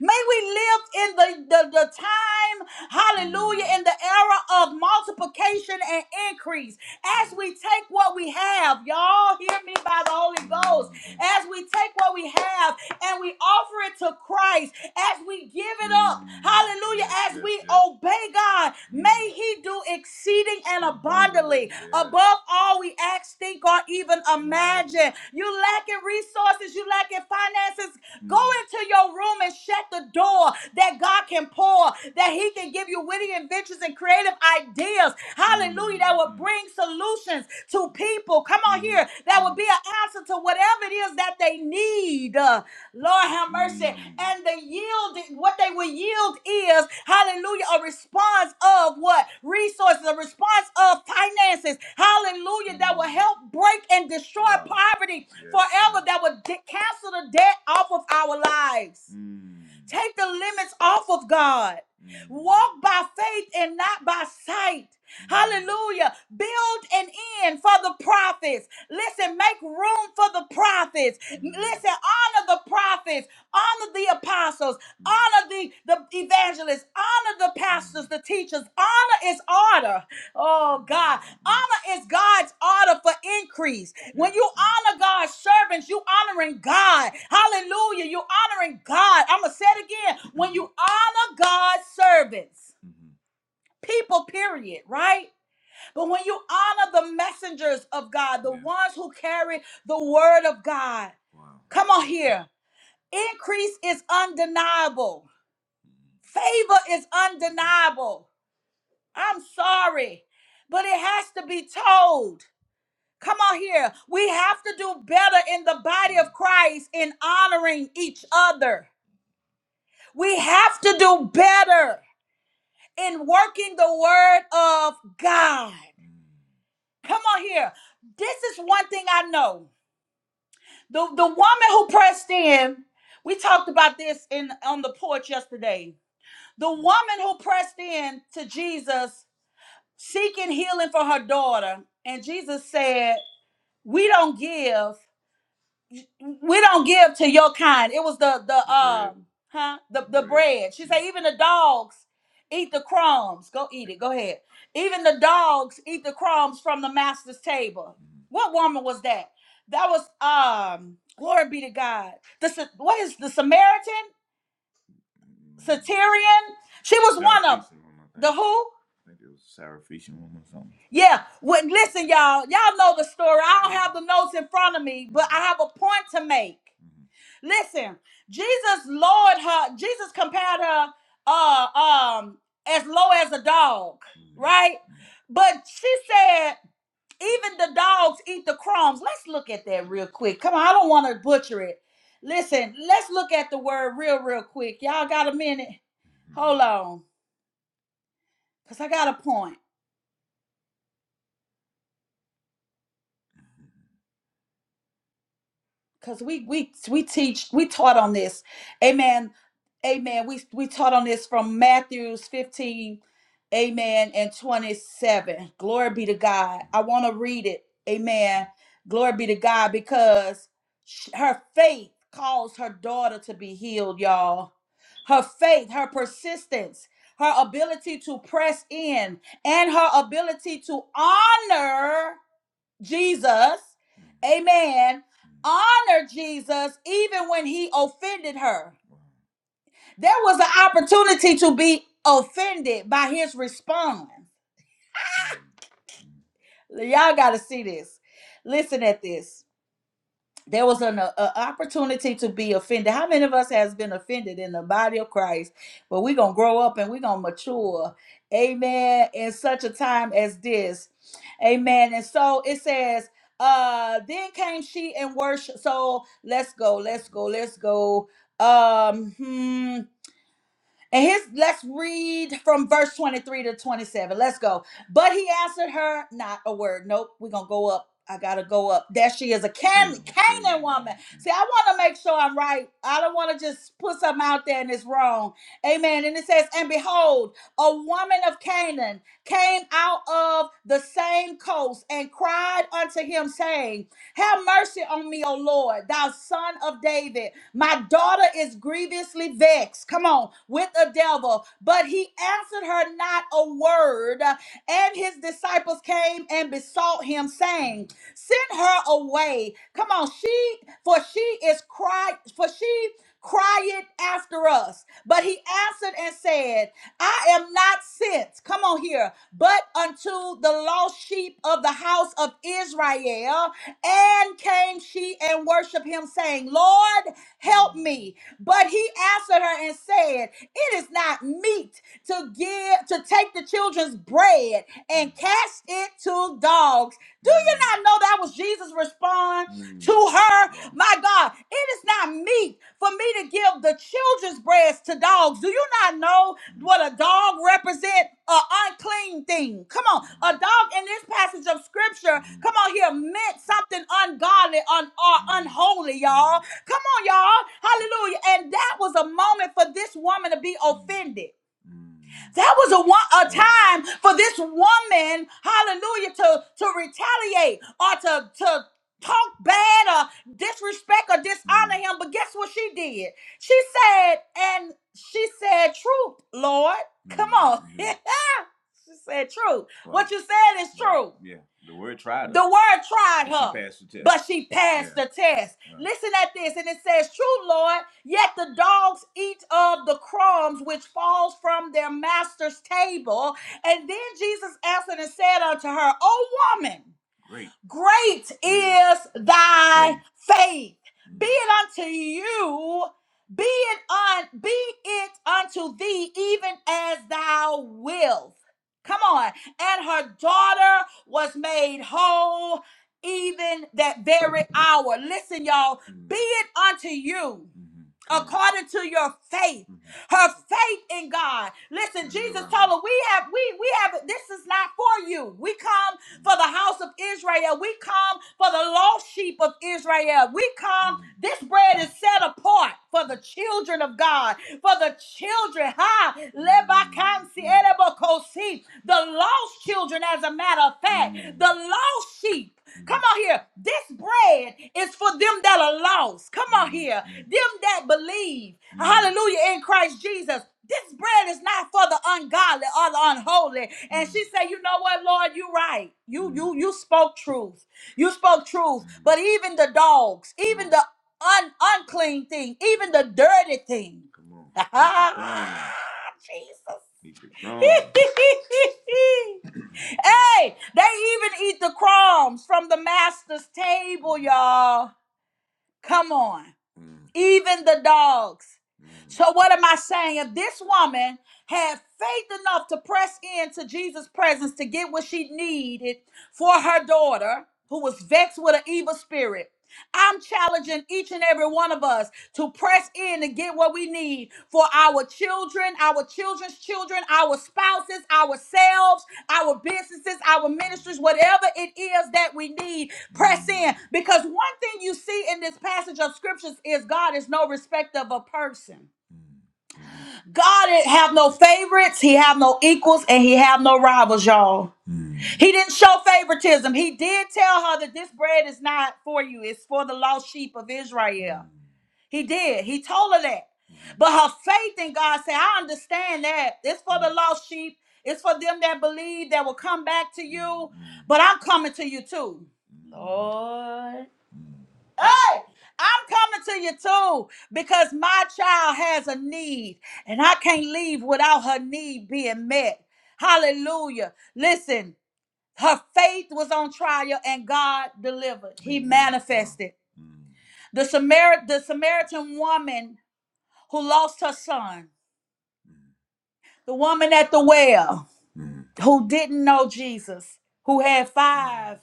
S1: May we live in the, the, the time, hallelujah, in the era of multiplication and increase. As we take what we have, y'all hear me by the Holy Ghost. As we take what we have and we offer it to Christ, as we give it up, hallelujah, as we obey God, may He do exceeding and abundantly above all we ask, think, or even imagine. You lacking resources, you lacking finances, go into your room and share shut the door that God can pour, that He can give you witty inventions and creative ideas. Hallelujah. That will bring solutions to people. Come on here. That will be an answer to whatever it is that they need. Uh, Lord have mercy. And the yield, what they will yield is, hallelujah, a response of what? Resources, a response of finances. Hallelujah. That will help break and destroy Wow. poverty Yes, forever. That will de- cancel the debt off of our lives. Take the limits off of God. Walk by faith and not by sight. Hallelujah. Build an end for the prophets. Listen, make room for the prophets. Listen, honor the prophets, honor the apostles, honor the, the evangelists, honor the pastors, the teachers. Honor is order. Oh, God. Honor is God's order for increase. When you honor God's servants, you honoring God. Hallelujah. You honoring God. I'm going to say it again. When you honor God's servants, people, period, right? But when you honor the messengers of God, the Yeah. ones who carry the word of God, Wow. come on here. Increase is undeniable, favor is undeniable. I'm sorry, but it has to be told. Come on here. We have to do better in the body of Christ in honoring each other. We have to do better in working the word of God. Come on here. This is one thing I know. The the woman who pressed in, we talked about this in on the porch yesterday. The woman who pressed in to Jesus seeking healing for her daughter, and Jesus said, "We don't give we don't give to your kind. It was the the um huh the the bread. She said even the dogs eat the crumbs. Go eat it. Go ahead. Even the dogs eat the crumbs from the master's table. What woman was that? That was um glory be to God. The Sa- what is the Samaritan? Satirian. She was Sarah one of 'em. The who? I think it was Sarah Feason woman or something. Yeah. Well, listen, y'all. Y'all know the story. I don't have the notes in front of me, but I have a point to make. Mm-hmm. Listen, Jesus lowered her. Jesus compared her uh um as low as a dog, mm-hmm. right? Mm-hmm. But she said. Even the dogs eat the crumbs. Let's look at that real quick. Come on, I don't want to butcher it. Listen, let's look at the word real, real quick. Y'all got a minute? Hold on, because I got a point. because we we we teach we taught on this amen amen we we taught on this from matthews 15 amen and 27 glory be to god i want to read it amen glory be to god because sh- her faith caused her daughter to be healed y'all her faith her persistence her ability to press in and her ability to honor Jesus, amen, honor Jesus even when he offended her. There was an opportunity to be offended by his response. Y'all got to see this. Listen at this. there was an uh, uh, opportunity to be offended. How many of us has been offended in the body of Christ? But we're gonna grow up and we're gonna mature, amen. In such a time as this, amen. And so it says, uh, then came she and worship. So let's go, let's go, let's go. Um, hmm. And his let's read from verse 23 to 27. Let's go. But he answered her, not a word. Nope, we're gonna go up. I gotta go up. There she is, a Can- Canaan woman. See, I want to make sure I'm right. I don't want to just put something out there and it's wrong. Amen. And it says, And behold, a woman of Canaan came out of the same coast and cried unto him, saying, have mercy on me, O Lord, thou son of David. My daughter is grievously vexed, come on, with the devil. But he answered her not a word. And his disciples came and besought him, saying, Send her away. Come on, she, for she is cried, for she. Cry it after us. But he answered and said, I am not sent, come on here, but unto the lost sheep of the house of Israel. And came she and worshiped him, saying, Lord, help me. But he answered her and said, It is not meet to give to take the children's bread and cast it to dogs. Do you not know that was Jesus' response to her? My God, it is not meet for me to give the children's bread to dogs. Do you not know what a dog represents? An unclean thing. Come on. A dog in this passage of scripture, come on here, meant something ungodly un, or unholy, y'all. Come on, y'all. Hallelujah. And that was a moment for this woman to be offended. That was a one a time for this woman, hallelujah, to to retaliate or to to talk bad or disrespect or dishonor him. But guess what she did? She said, and she said, "Truth, Lord, come on." <laughs> she said, "Truth." Right. What Right. you said is Right. true. Yeah. The word tried her, The word tried but her. she passed the test. but she passed Yeah. the test. Right. Listen at this, and it says, True, Lord, yet the dogs eat of the crumbs which falls from their master's table. And then Jesus answered and said unto her, O woman, Great. Great Mm. is thy Faith. faith. Mm. Be Mm. it unto you, be it un, be it unto thee, even as thou wilt. Come on and her daughter was made whole even that very hour. Listen, y'all, be it unto you according to your faith her faith in god listen jesus told her we have we we have this is not for you we come for the house of israel we come for the lost sheep of israel we come this bread is set apart for the children of god for the children. Ha! Lebakansi elebokosi. The lost children, as a matter of fact, the lost sheep. Come on here. This bread is for them that are lost. Come on here. Them that believe. Hallelujah in Christ Jesus. This bread is not for the ungodly or the unholy. And she said, You know what, Lord, you right. You you you spoke truth. You spoke truth. But even the dogs, even the un- unclean thing, even the dirty thing. <laughs> Come on. Need to <laughs> Jesus. <laughs> hey, they even eat the crumbs from the master's table, y'all. Come on. Mm, Even the dogs. mm, So, what am I saying? If this woman had faith enough to press into Jesus' presence to get what she needed for her daughter, who was vexed with an evil spirit, I'm challenging each and every one of us to press in and get what we need for our children, our children's children, our spouses, ourselves, our businesses, our ministries, whatever it is that we need. Press in. Because one thing you see in this passage of scriptures is God is no respecter of a person. God didn't have no favorites, he have no equals, and he have no rivals, y'all. Mm. He didn't show favoritism. He did tell her that this bread is not for you, it's for the lost sheep of Israel. Mm. He did. He told her that. Mm. But her faith in God said, I understand that. It's for the Mm. lost sheep. It's for them that believe that will come back to you. Mm. But I'm coming to you too. Lord. Hey, I'm coming to you too because my child has a need and I can't leave without her need being met. Hallelujah. Listen, her faith was on trial and God delivered. He Amen. manifested. The, Samar- the Samaritan woman who lost her son, the woman at the well who didn't know Jesus, who had five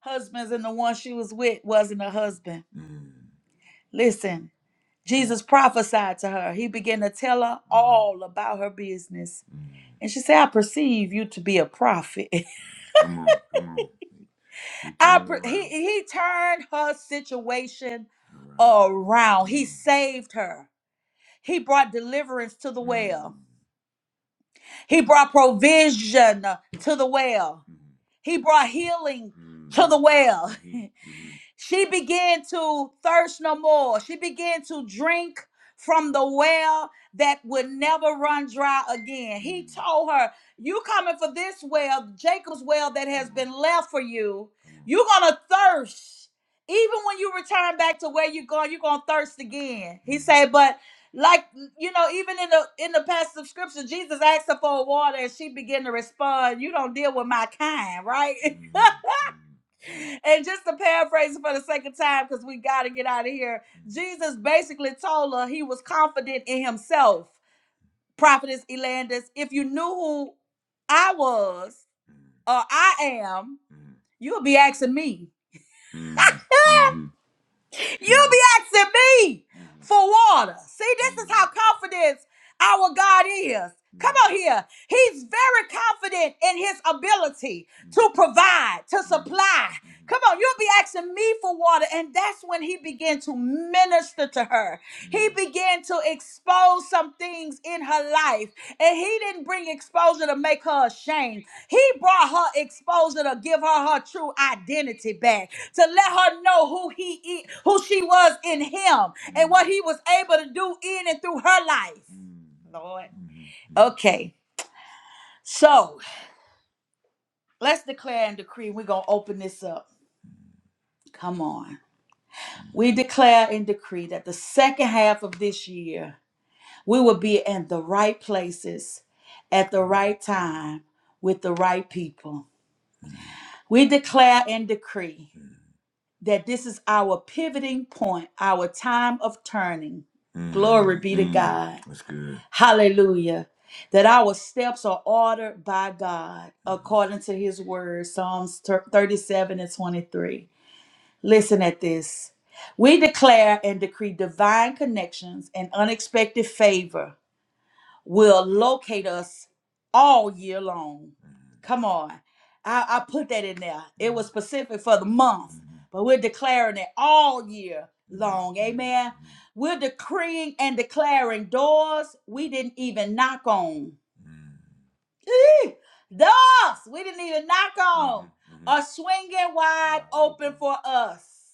S1: husbands and the one she was with wasn't a husband Listen, Jesus prophesied to her. He began to tell her all about her business. Mm. And she said, I perceive you to be a prophet. <laughs> Come on, come on. <laughs> He I turned it per- he, around, he turned her situation around. around. He Mm. saved her. He brought deliverance to the Mm. well. He brought provision to the well. He brought healing to the well. <laughs> She began to thirst no more. She began to drink from the well that would never run dry again. He told her, You coming for this well, Jacob's well that has been left for you. You're going to thirst. Even when you return back to where you're going, you're going to thirst again. He said, But like you know even in the in the passage of scripture jesus asked her for water and she began to respond you don't deal with my kind right <laughs> Mhm. and just to paraphrase it for the sake of time because we got to get out of here jesus basically told her he was confident in himself prophetess elandis if you knew who i was or i am you'll be asking me Mhm. <laughs> you'll be asking me for water see this is how confidence our God is. Come on here. He's very confident in his ability to provide, to supply. Come on, you'll be asking me for water. And that's when he began to minister to her. He began to expose some things in her life. And he didn't bring exposure to make her ashamed. He brought her exposure to give her her true identity back, to let her know who he is, who she was in him, and what he was able to do in and through her life. Lord. Okay, so let's declare and decree. We're going to open this up. Come on. We declare and decree that the second half of this year, we will be in the right places at the right time with the right people. We declare and decree that this is our pivoting point, our time of turning. Glory Mm, be to mm, God. that's good. Hallelujah. That our steps are ordered by God according to his word, Psalms thir- 37 and 23. Listen at this. We declare and decree divine connections and unexpected favor will locate us all year long. Mhm. Come on. I, I put that in there. It was specific for the month, Mhm. but we're declaring it all year Mhm. long. Amen. we We're decreeing and declaring doors we didn't even knock on. Mm. Eh, Doors we didn't even knock on Mhm, mhm. are swinging wide open for us.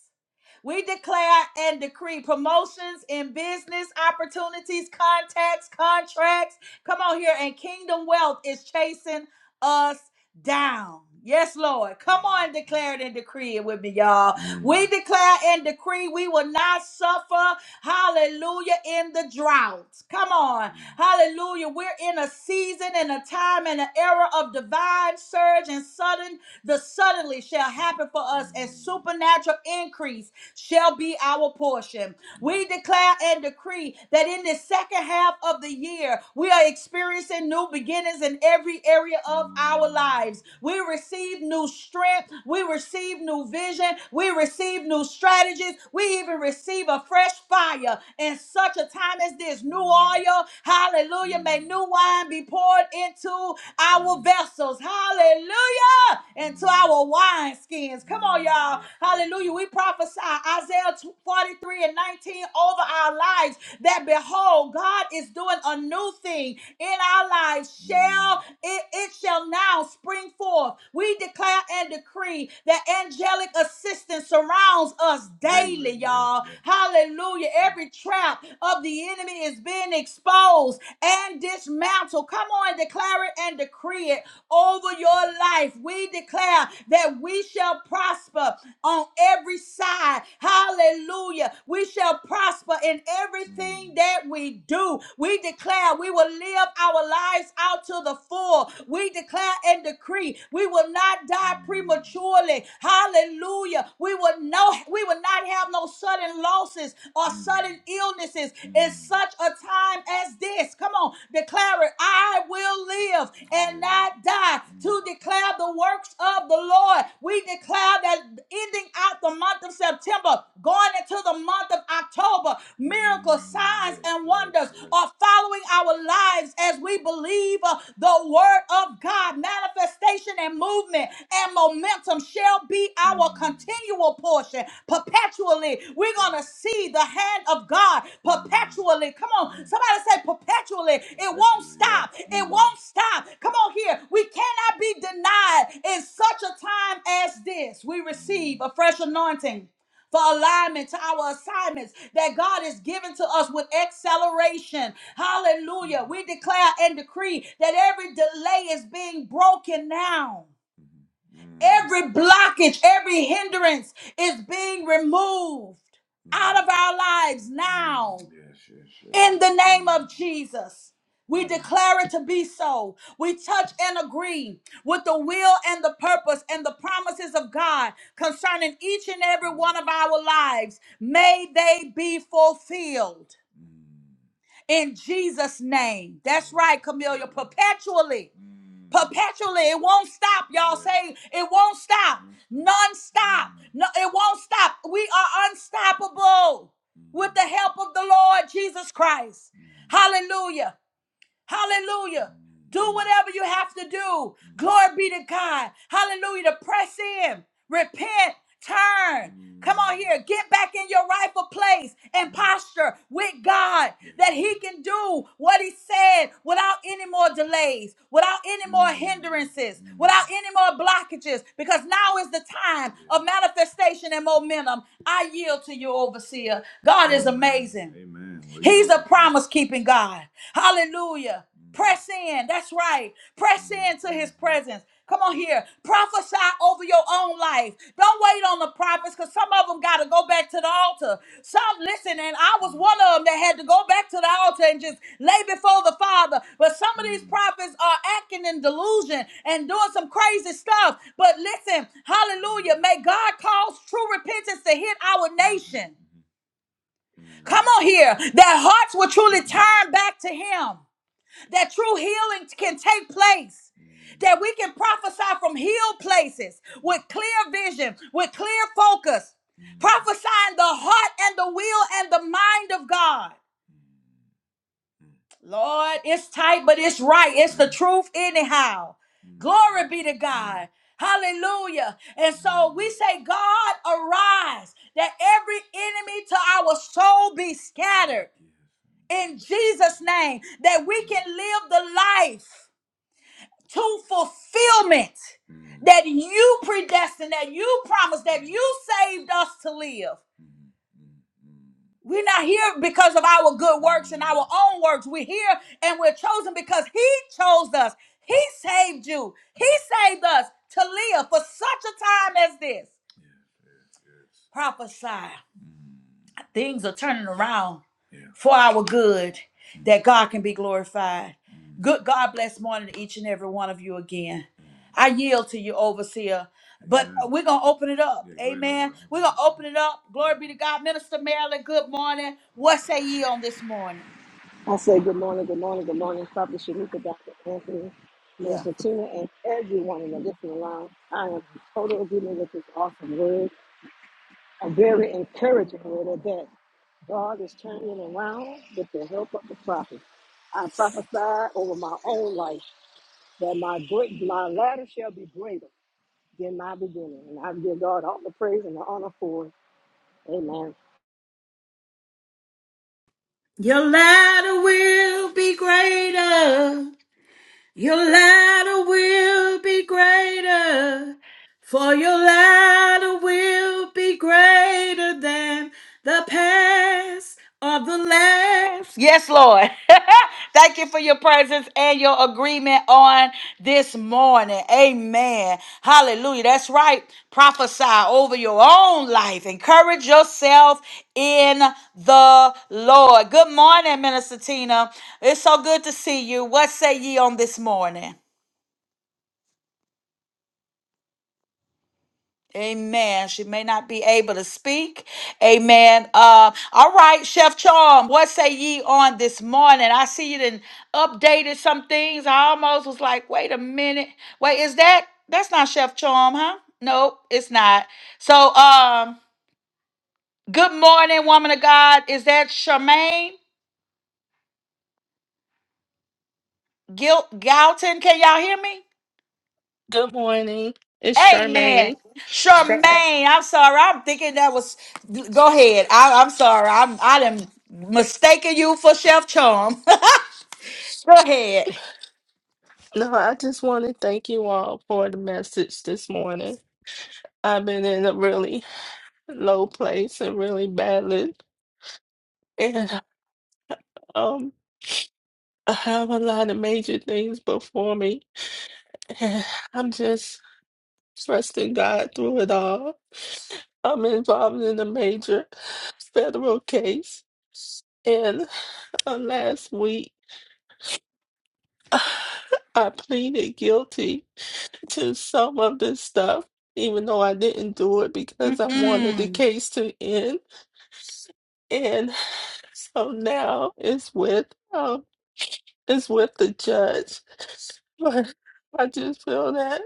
S1: We declare and decree promotions in business opportunities, contacts, contracts. Come on here, and kingdom wealth is chasing us down. Yes, Lord. Come on, declare it and decree it with me, y'all. We declare and decree we will not suffer Hallelujah. In the drought. Come on. Hallelujah. We're in a season and a time and an era of divine surge and sudden. The suddenly shall happen for us, and supernatural increase shall be our portion. We declare and decree that in the second half of the year, we are experiencing new beginnings in every area of our lives. We receive new strength, we receive new vision, we receive new strategies, we even even receive a fresh fire in such a time as this. New oil, hallelujah. May new wine be poured into our vessels, hallelujah, into our wine skins. Come on, y'all, hallelujah. We prophesy Isaiah 43 and 19 over our lives that behold, God is doing a new thing in our lives. Shall it, it shall now spring forth. We declare and decree that angelic assistance surrounds surrounds us daily, yes, y'all. yes. Hallelujah. Every trap of the enemy is being exposed and dismantled. Come on, declare it and decree it over your life. We declare that we shall prosper on every side. Hallelujah. We shall prosper in everything Mm. that we do. We declare we will live our lives out to the full. We declare and decree we will not die Mm. prematurely. Hallelujah. Hallelujah. We will know we will not have no sudden losses or sudden illnesses in such a time as this. Come on, declare it. I will live and not die to declare the works of the Lord. We declare that ending out the month of September, going into the month of October, miracles, signs, and wonders are following our lives as we believe uh, the word of God, manifestation and movement and momentum ransom shall be our continual portion perpetually. We're going to see the hand of God perpetually. Come on, somebody say perpetually. It won't stop. It won't stop. Come on here. We cannot be denied in such a time as this. We receive a fresh anointing for alignment to our assignments that God is giving to us with acceleration. Hallelujah. We declare and decree that every delay is being broken now. Every blockage, every hindrance is being removed out of our lives now. Yes, yes, yes. In the name of Jesus. We declare it to be so. We touch and agree with the will and the purpose and the promises of God concerning each and every one of our lives. May they be fulfilled in Jesus' name. That's right, Camelia, perpetually perpetually. It won't stop. Y'all say it won't stop. Non-stop. No, it won't stop. We are unstoppable with the help of the Lord Jesus Christ. Hallelujah. Hallelujah. Do whatever you have to do. Glory be to God. Hallelujah. To press in, repent, turn. Come on here. Get back in your rightful place and posture with God that He can do what He said without any more delays, without any more hindrances, without any more blockages, because now is the time of manifestation and momentum. I yield to you, overseer. God is amazing. He. He's a promise keeping God. Hallelujah. Press in. That's right. Press into his presence. Come on here. Prophesy over your own life. Don't wait on the prophets because some of them got to go back to the altar. Some, listen, and I was one of them that had to go back to the altar and just lay before the Father. But some of these prophets are acting in delusion and doing some crazy stuff. But listen, hallelujah. May God cause true repentance to hit our nation. Come on here. That hearts will truly turn back to Him. That true healing can take place. That we can prophesy from healed places with clear vision, with clear focus. Prophesying the heart and the will and the mind of God. Lord, it's tight, but it's right. It's the truth, anyhow. Glory be to God. Hallelujah. And so we say, God, arise, that every enemy to our soul be scattered in Jesus' name that we can live the life to fulfillment that you predestined, that you promised, that you saved us to live. We're not here because of our good works and our own works. We're here and we're chosen because He chose us. He saved you. He saved us to live for such a time as this. Prophesy. things are turning around Yeah. for our good Mm, that god can be glorified mm, good god bless morning to each and every one of you again mm. i yield to you overseer but Amen. we're gonna open it up Yeah, amen we're gonna open it up glory be to god minister marilyn good morning what say ye on this morning
S2: I say good morning, good morning, good morning, Prophet Shanika, Dr. Anthony,
S1: Yeah.
S2: Minister Tina, and everyone in the listening line. I am in total agreement with this awesome word, a very encouraging word of that. God is turning it around with the help of the prophet. I prophesy over my own life that my great my latter shall be greater than my beginning. And I give God all the praise and the honor for it. Amen.
S3: Your ladder will be greater. Your ladder will be greater. For your latter will be greater than the past of the last. Yes, Lord. <laughs> Thank you for your presence and your agreement on this morning. Amen. Hallelujah. That's right. Prophesy over your own life. Encourage yourself in the Lord. Good morning, Minister Tina. It's so good to see you. What say ye on this morning? Amen. She may not be able to speak. Amen. Uh, all right, Chef Charm, what say ye on this morning? I see you done updated some things. I almost was like, wait a minute. Wait, is that that's not Chef Charm, huh? Nope, it's not. So um, good morning, woman of God. Is that Charmaine Gil- Galton? Can y'all hear me?
S4: Good morning. It's
S3: Amen.
S4: Charmaine. Char-
S3: Charmaine, I'm sorry. I'm thinking that was. Go ahead. I, I'm sorry. I'm I am mistaken you for Chef Charm. <laughs> go ahead.
S4: No, I just want to thank you all for the message this morning. I've been in a really low place and really battling, and um, I have a lot of major things before me, and I'm just trusting God through it all. I'm involved in a major federal case, and uh, last week <sighs> I pleaded guilty to some of this stuff, even though I didn't do it because I wanted the
S3: Mm-mm.
S4: case to end. And <sighs> so now it's with um it's with the judge. But I just feel that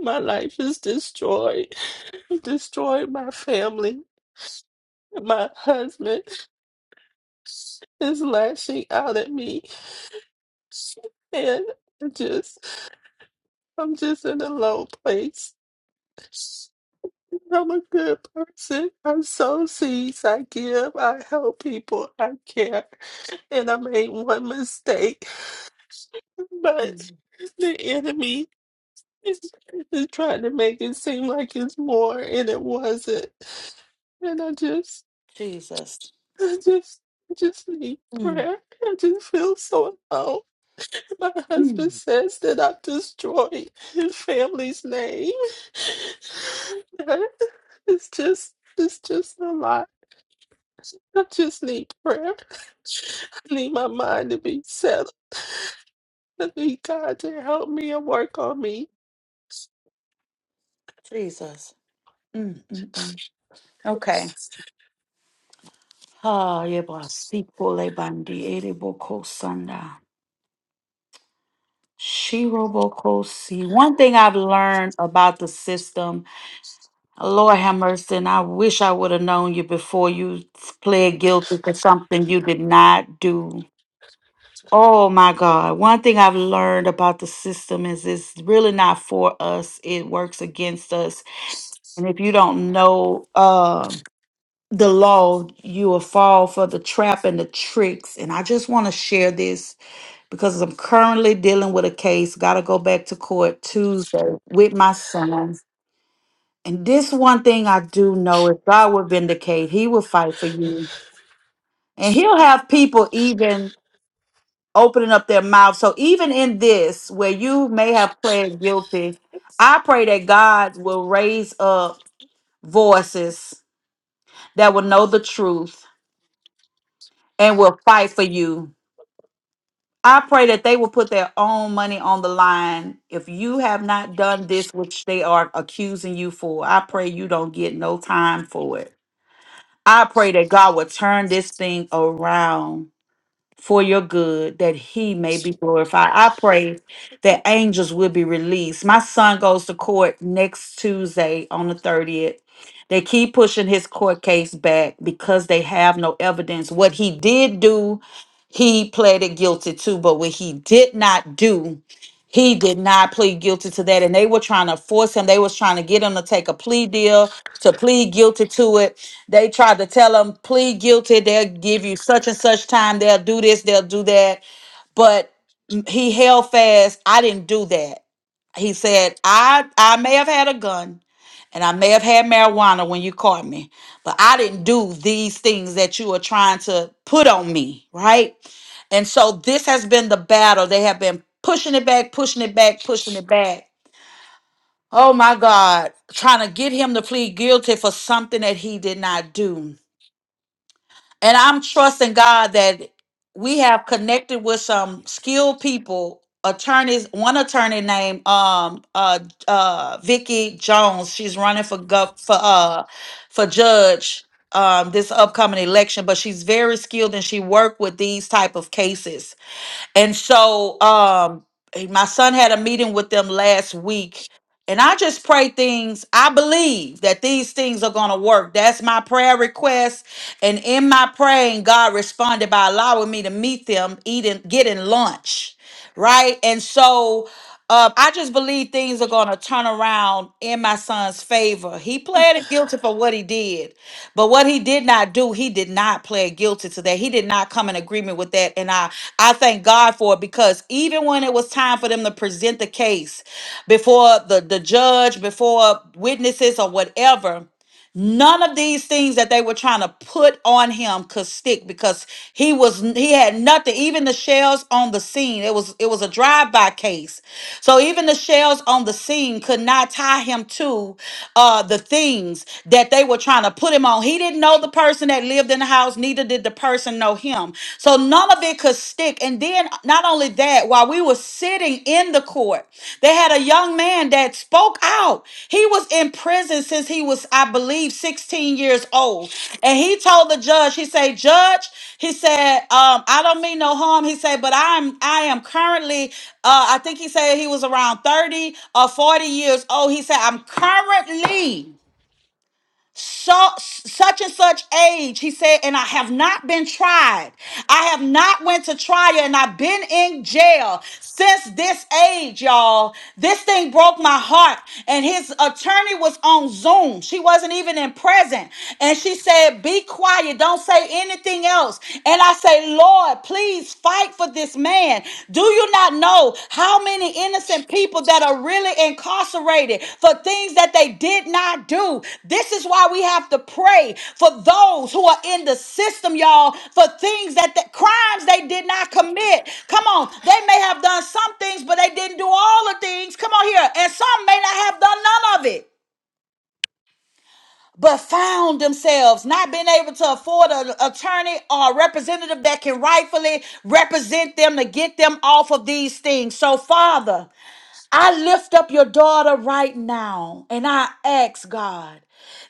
S4: my life is destroyed. <laughs> Destroyed my family. My husband is lashing out at me. And I just I'm just in a low place. I'm a good person. I sow seeds. I give. I help people. I care. And I made one mistake. But the enemy is, is trying to make it seem like it's more, and it wasn't. And I just,
S3: Jesus.
S4: I just, I just need
S3: Mm.
S4: prayer. I just feel so alone. My
S3: Mm.
S4: husband says that I've destroyed his family's name. <laughs> That It's just, it's just a lie. I just need prayer. I need my mind to be settled. I need God to help me and work on me.
S3: Jesus. Mm, mm, mm. Okay. Ah, yeba sipo le bandi ereboko sanda. Shiroboko si. One thing I've learned about the system Lord have mercy, and I wish I would have known you before you pled guilty for something you did not do. Oh my God. One thing I've learned about the system is it's really not for us, it works against us. And if you don't know uh, the law, you will fall for the trap and the tricks. And I just want to share this because I'm currently dealing with a case, got to go back to court Tuesday with my son. And this one thing I do know is God will vindicate. He will fight for you. And he'll have people even opening up their mouths. So even in this, where you may have pled guilty, I pray that God will raise up voices that will know the truth and will fight for you. I pray that they will put their own money on the line. If you have not done this, which they are accusing you for, I pray you don't get no time for it. I pray that God will turn this thing around for your good, that He may be glorified. I pray that angels will be released. My son goes to court next Tuesday on the 30th. They keep pushing his court case back because they have no evidence. What he did do, he pleaded guilty to, but what he did not do, he did not plead guilty to that. And they were trying to force him, they was trying to get him to take a plea deal, to plead guilty to it they tried to tell them, plead guilty. They'll give you such and such time. They'll do this. They'll do that. But he held fast. I didn't do that. He said, I, I may have had a gun and I may have had marijuana when you caught me, but I didn't do these things that you are trying to put on me, right? And so this has been the battle. They have been pushing it back, pushing it back, pushing it back. Oh my God, trying to get him to plead guilty for something that he did not do. And I'm trusting God that we have connected with some skilled people, attorneys, one attorney named um uh uh Vicky Jones. She's running for gov for uh for judge um this upcoming election, but she's very skilled and she worked with these type of cases. And so um eh, my son had a meeting with them last week. And I just pray things. I believe that these things are going to work. That's my prayer request and in my praying, God responded by allowing me to meet them, eating, getting lunch, right? And so um, I just believe things are going to turn around in my son's favor. He pleaded guilty for what he did, but what he did not do, he did not plead guilty to that. He did not come in agreement with that, and I I thank God for it because even when it was time for them to present the case before the the judge, before witnesses or whatever None of these things that they were trying to put on him could stick because he was he had nothing. Even the shells on the scene, it was it was a drive-by case. So even the shells on the scene could not tie him to uh the things that they were trying to put him on. He didn't know the person that lived in the house, neither did the person know him. So none of it could stick. And then not only that, while we were sitting in the court, they had a young man that spoke out. He was in prison since he was, I believe, 16 years old. And he told the judge, he said, Judge, he said, um, I don't mean no harm. He said, but I'm I am currently uh, I think he said he was around 30 or 40 years old. He said, I'm currently so, such and such age he said and i have not been tried i have not went to trial and i've been in jail since this age y'all this thing broke my heart and his attorney was on zoom she wasn't even in present and she said be quiet don't say anything else and i say lord please fight for of this man. Do you not know how many innocent people that are really incarcerated for things that they did not do? This is why we have to pray for those who are in the system, y'all, for things that the crimes they did not commit. Come on, they may have done some things, but they didn't do all the things. Come on here, and some may not have done none of it but found themselves not being able to afford an attorney or a representative that can rightfully represent them to get them off of these things. So, Father, I lift up your daughter right now and I ask God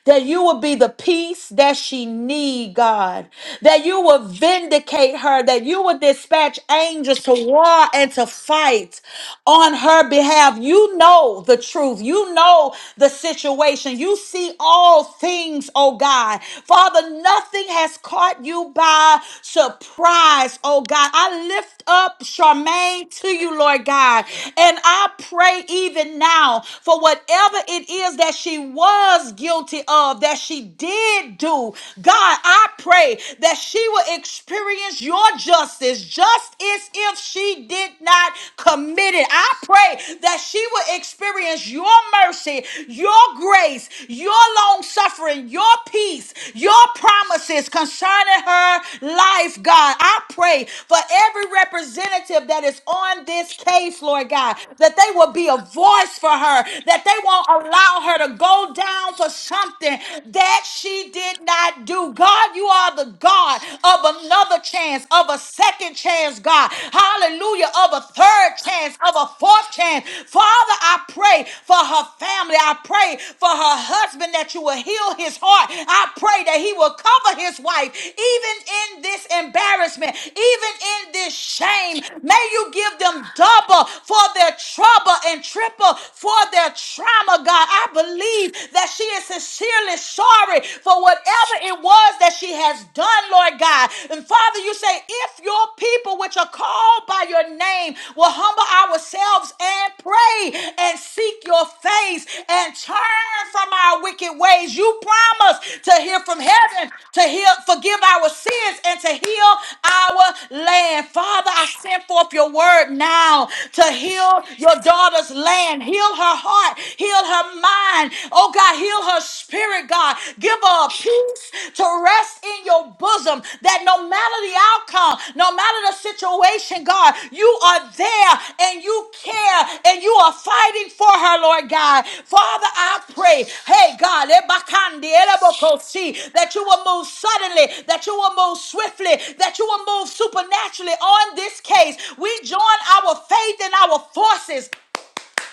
S3: that you will be the peace that she need, God. That you will vindicate her, that you will dispatch angels to war and to fight on her behalf. You know the truth. You know the situation. You see all things, oh God. Father, nothing has caught you by surprise, oh God. I lift up Charmaine to you, Lord God, and I pray even now for whatever it is that she was guilty of, that she did do. God, I pray that she will experience your justice just as if she did not commit it. I pray that she will experience your mercy, your grace, your long suffering, your peace, your promises concerning her life, God. I pray for every representative that is on this case, Lord God, that they will they will be a voice for her, that they won't allow her to go down for something that she did not do. God, you are the God of another chance, of a second chance, God. Hallelujah, of a third chance, of a fourth chance. Father, I pray for her family. I pray for her husband that you will heal his heart. I pray that he will cover his wife, even in this embarrassment, even in this shame. May you give them double for their trouble double and triple for their trauma, God. I believe that she is sincerely sorry for whatever it was that she has done, Lord God. And Father, you say, if your people which are called by your name will humble ourselves and pray and seek your face and turn from our wicked ways, you promise to hear from heaven, to heal, forgive our sins, and to heal our land. Father, I send forth your word now to heal your daughter's land. Heal her heart, heal her mind. Oh God, heal her spirit, God. Give her a peace to rest in your bosom that no matter the outcome, no matter the situation, God, you are there and you care and you are fighting for her, Lord God. Father, I pray, hey God, ebakandi, elebokosi, that you will move suddenly, that you will move swiftly, that you will move supernaturally on this case. We join our faith and our forces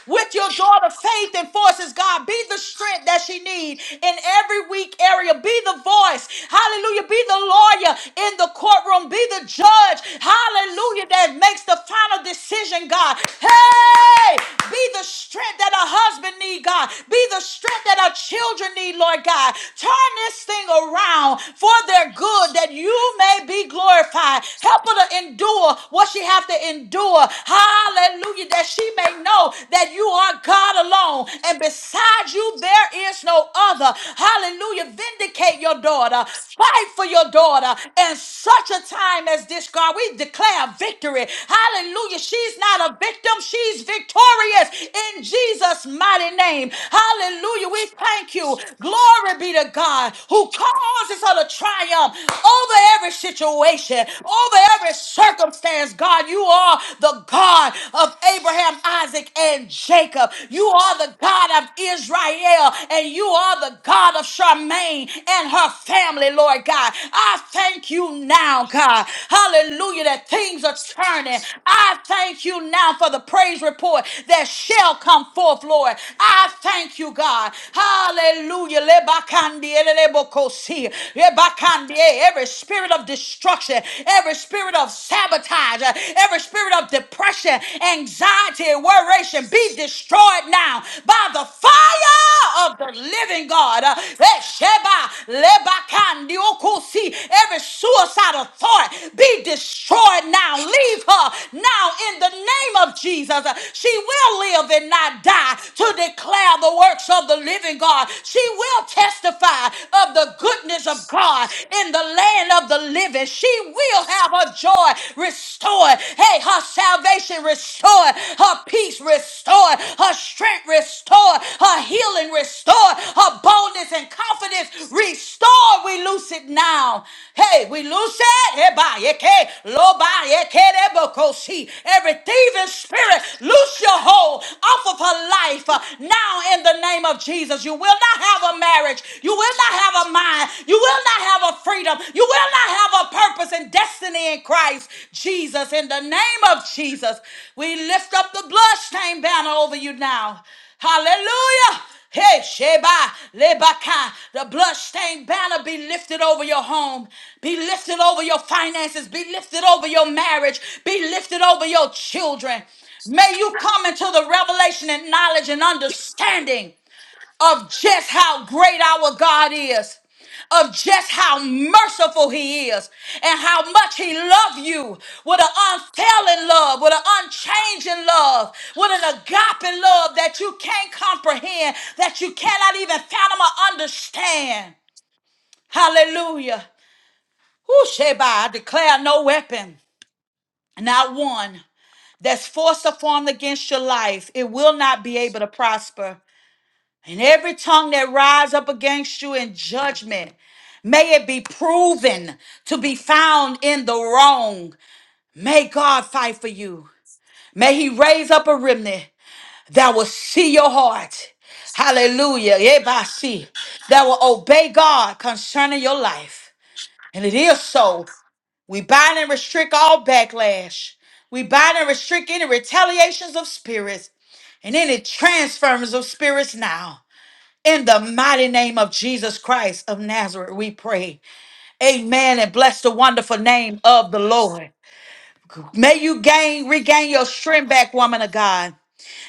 S3: with your daughter faith enforces god be the strength that she needs in every weak area be the voice hallelujah be the lawyer in the courtroom be the judge hallelujah that makes the final decision god hey be the strength that a husband need god be the strength that our children need lord god turn this thing around for their good that you may be glorified help her to endure what she have to endure Hallelujah. That she may know that you are God alone and beside you there is no other. Hallelujah. Vindicate your daughter. Fight for your daughter in such a time as this, God. We declare victory. Hallelujah. She's not a victim. She's victorious in Jesus' mighty name. Hallelujah. We thank you. Glory be to God who causes her to triumph over every situation, over every circumstance circumstance, God. You are the God of Abraham, Isaac, and Jacob. You are the God of Israel, and you are the God of Charmaine and her family, Lord God. I thank you now, God. Hallelujah, that things are turning. I thank you now for the praise report that shall come forth, Lord. I thank you, God. Hallelujah. Lebakandi, elelebokosi, lebakandi. Every spirit of destruction destruction, every spirit of sabotage, uh, every spirit of depression, anxiety, and worration be destroyed now by the fire of the living God. Uh, eh, Sheba, Lebakan, Diokosi, Every suicidal thought be destroyed now. Leave her now in the name of Jesus. Uh, She will live and not die to declare the works of the living God. She will testify of the goodness of God. God in the land of the living. She will have her joy restored. Hey, her salvation restored, her peace restored, her strength restored, her healing restored, her boldness and confidence restored. We loose it now. Hey, we loose it. Eba, yeke, loba, yeke, debo, kosi. Every thieving spirit, loose your hold off of her life uh, now in the name of Jesus. You will not have a marriage marriage. You will not have a mind. You will not have a freedom. You will not have a purpose and destiny in Christ Jesus. In the name of Jesus, we lift up the bloodstained banner over you now. Hallelujah. Hey, Sheba, Lebaka, the bloodstained banner be lifted over your home, be lifted over your finances, be lifted over your marriage, be lifted over your children. May you come into the revelation and knowledge and understanding of just how great our God is, of just how merciful He is, and how much He loves you with an unfailing love, with an unchanging love, with an agape love that you can't comprehend, that you cannot even fathom or understand. Hallelujah. Who Sheba, I declare no weapon, not one, that's forced or formed against your life. It will not be able to prosper. And every tongue that rise up against you in judgment, may it be proven to be found in the wrong. May God fight for you. May he raise up a remnant that will see your heart. Hallelujah. Ebasi. That will obey God concerning your life. And it is so. We bind and restrict all backlash. We bind and restrict any retaliations of spirits and any transference of spirits now. In the mighty name of Jesus Christ of Nazareth, we pray. Amen. And bless the wonderful name of the Lord. May you gain, regain your strength back, woman of God.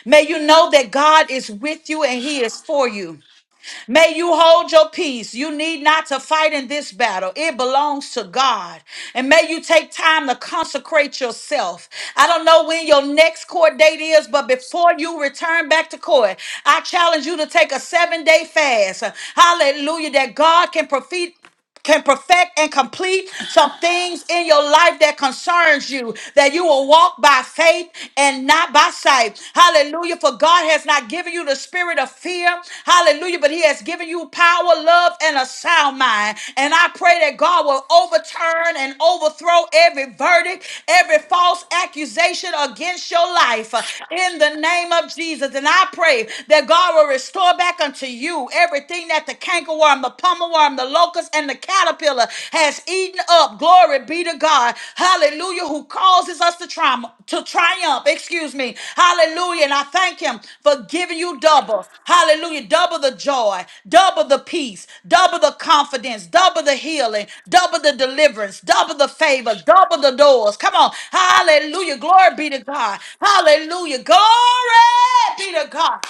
S3: May you know that God is with you and He is for you. May you hold your peace. You need not to fight in this battle, it belongs to God. And may you take time to consecrate yourself. I don't know when your next court date is, but before you return back to court, I challenge you to take a seven day fast. Hallelujah, that God can profit can perfect and complete some things in your life that concerns you that you will walk by faith and not by sight hallelujah for god has not given you the spirit of fear hallelujah but he has given you power love and a sound mind and i pray that god will overturn and overthrow every verdict every false accusation against your life uh, in the name of jesus and i pray that god will restore back unto you everything everything that the cankerworm, the pummelworm, the locust, and the caterpillar has eaten up. Glory be to God. Hallelujah. Who causes us to triumph to triumph. Excuse me. Hallelujah. And I thank him for giving you double. Hallelujah. Double the joy, double the peace, double the confidence, double the healing, double the deliverance, double the favor, double the doors. Come on. Hallelujah. Glory be to God. Hallelujah. Glory be to God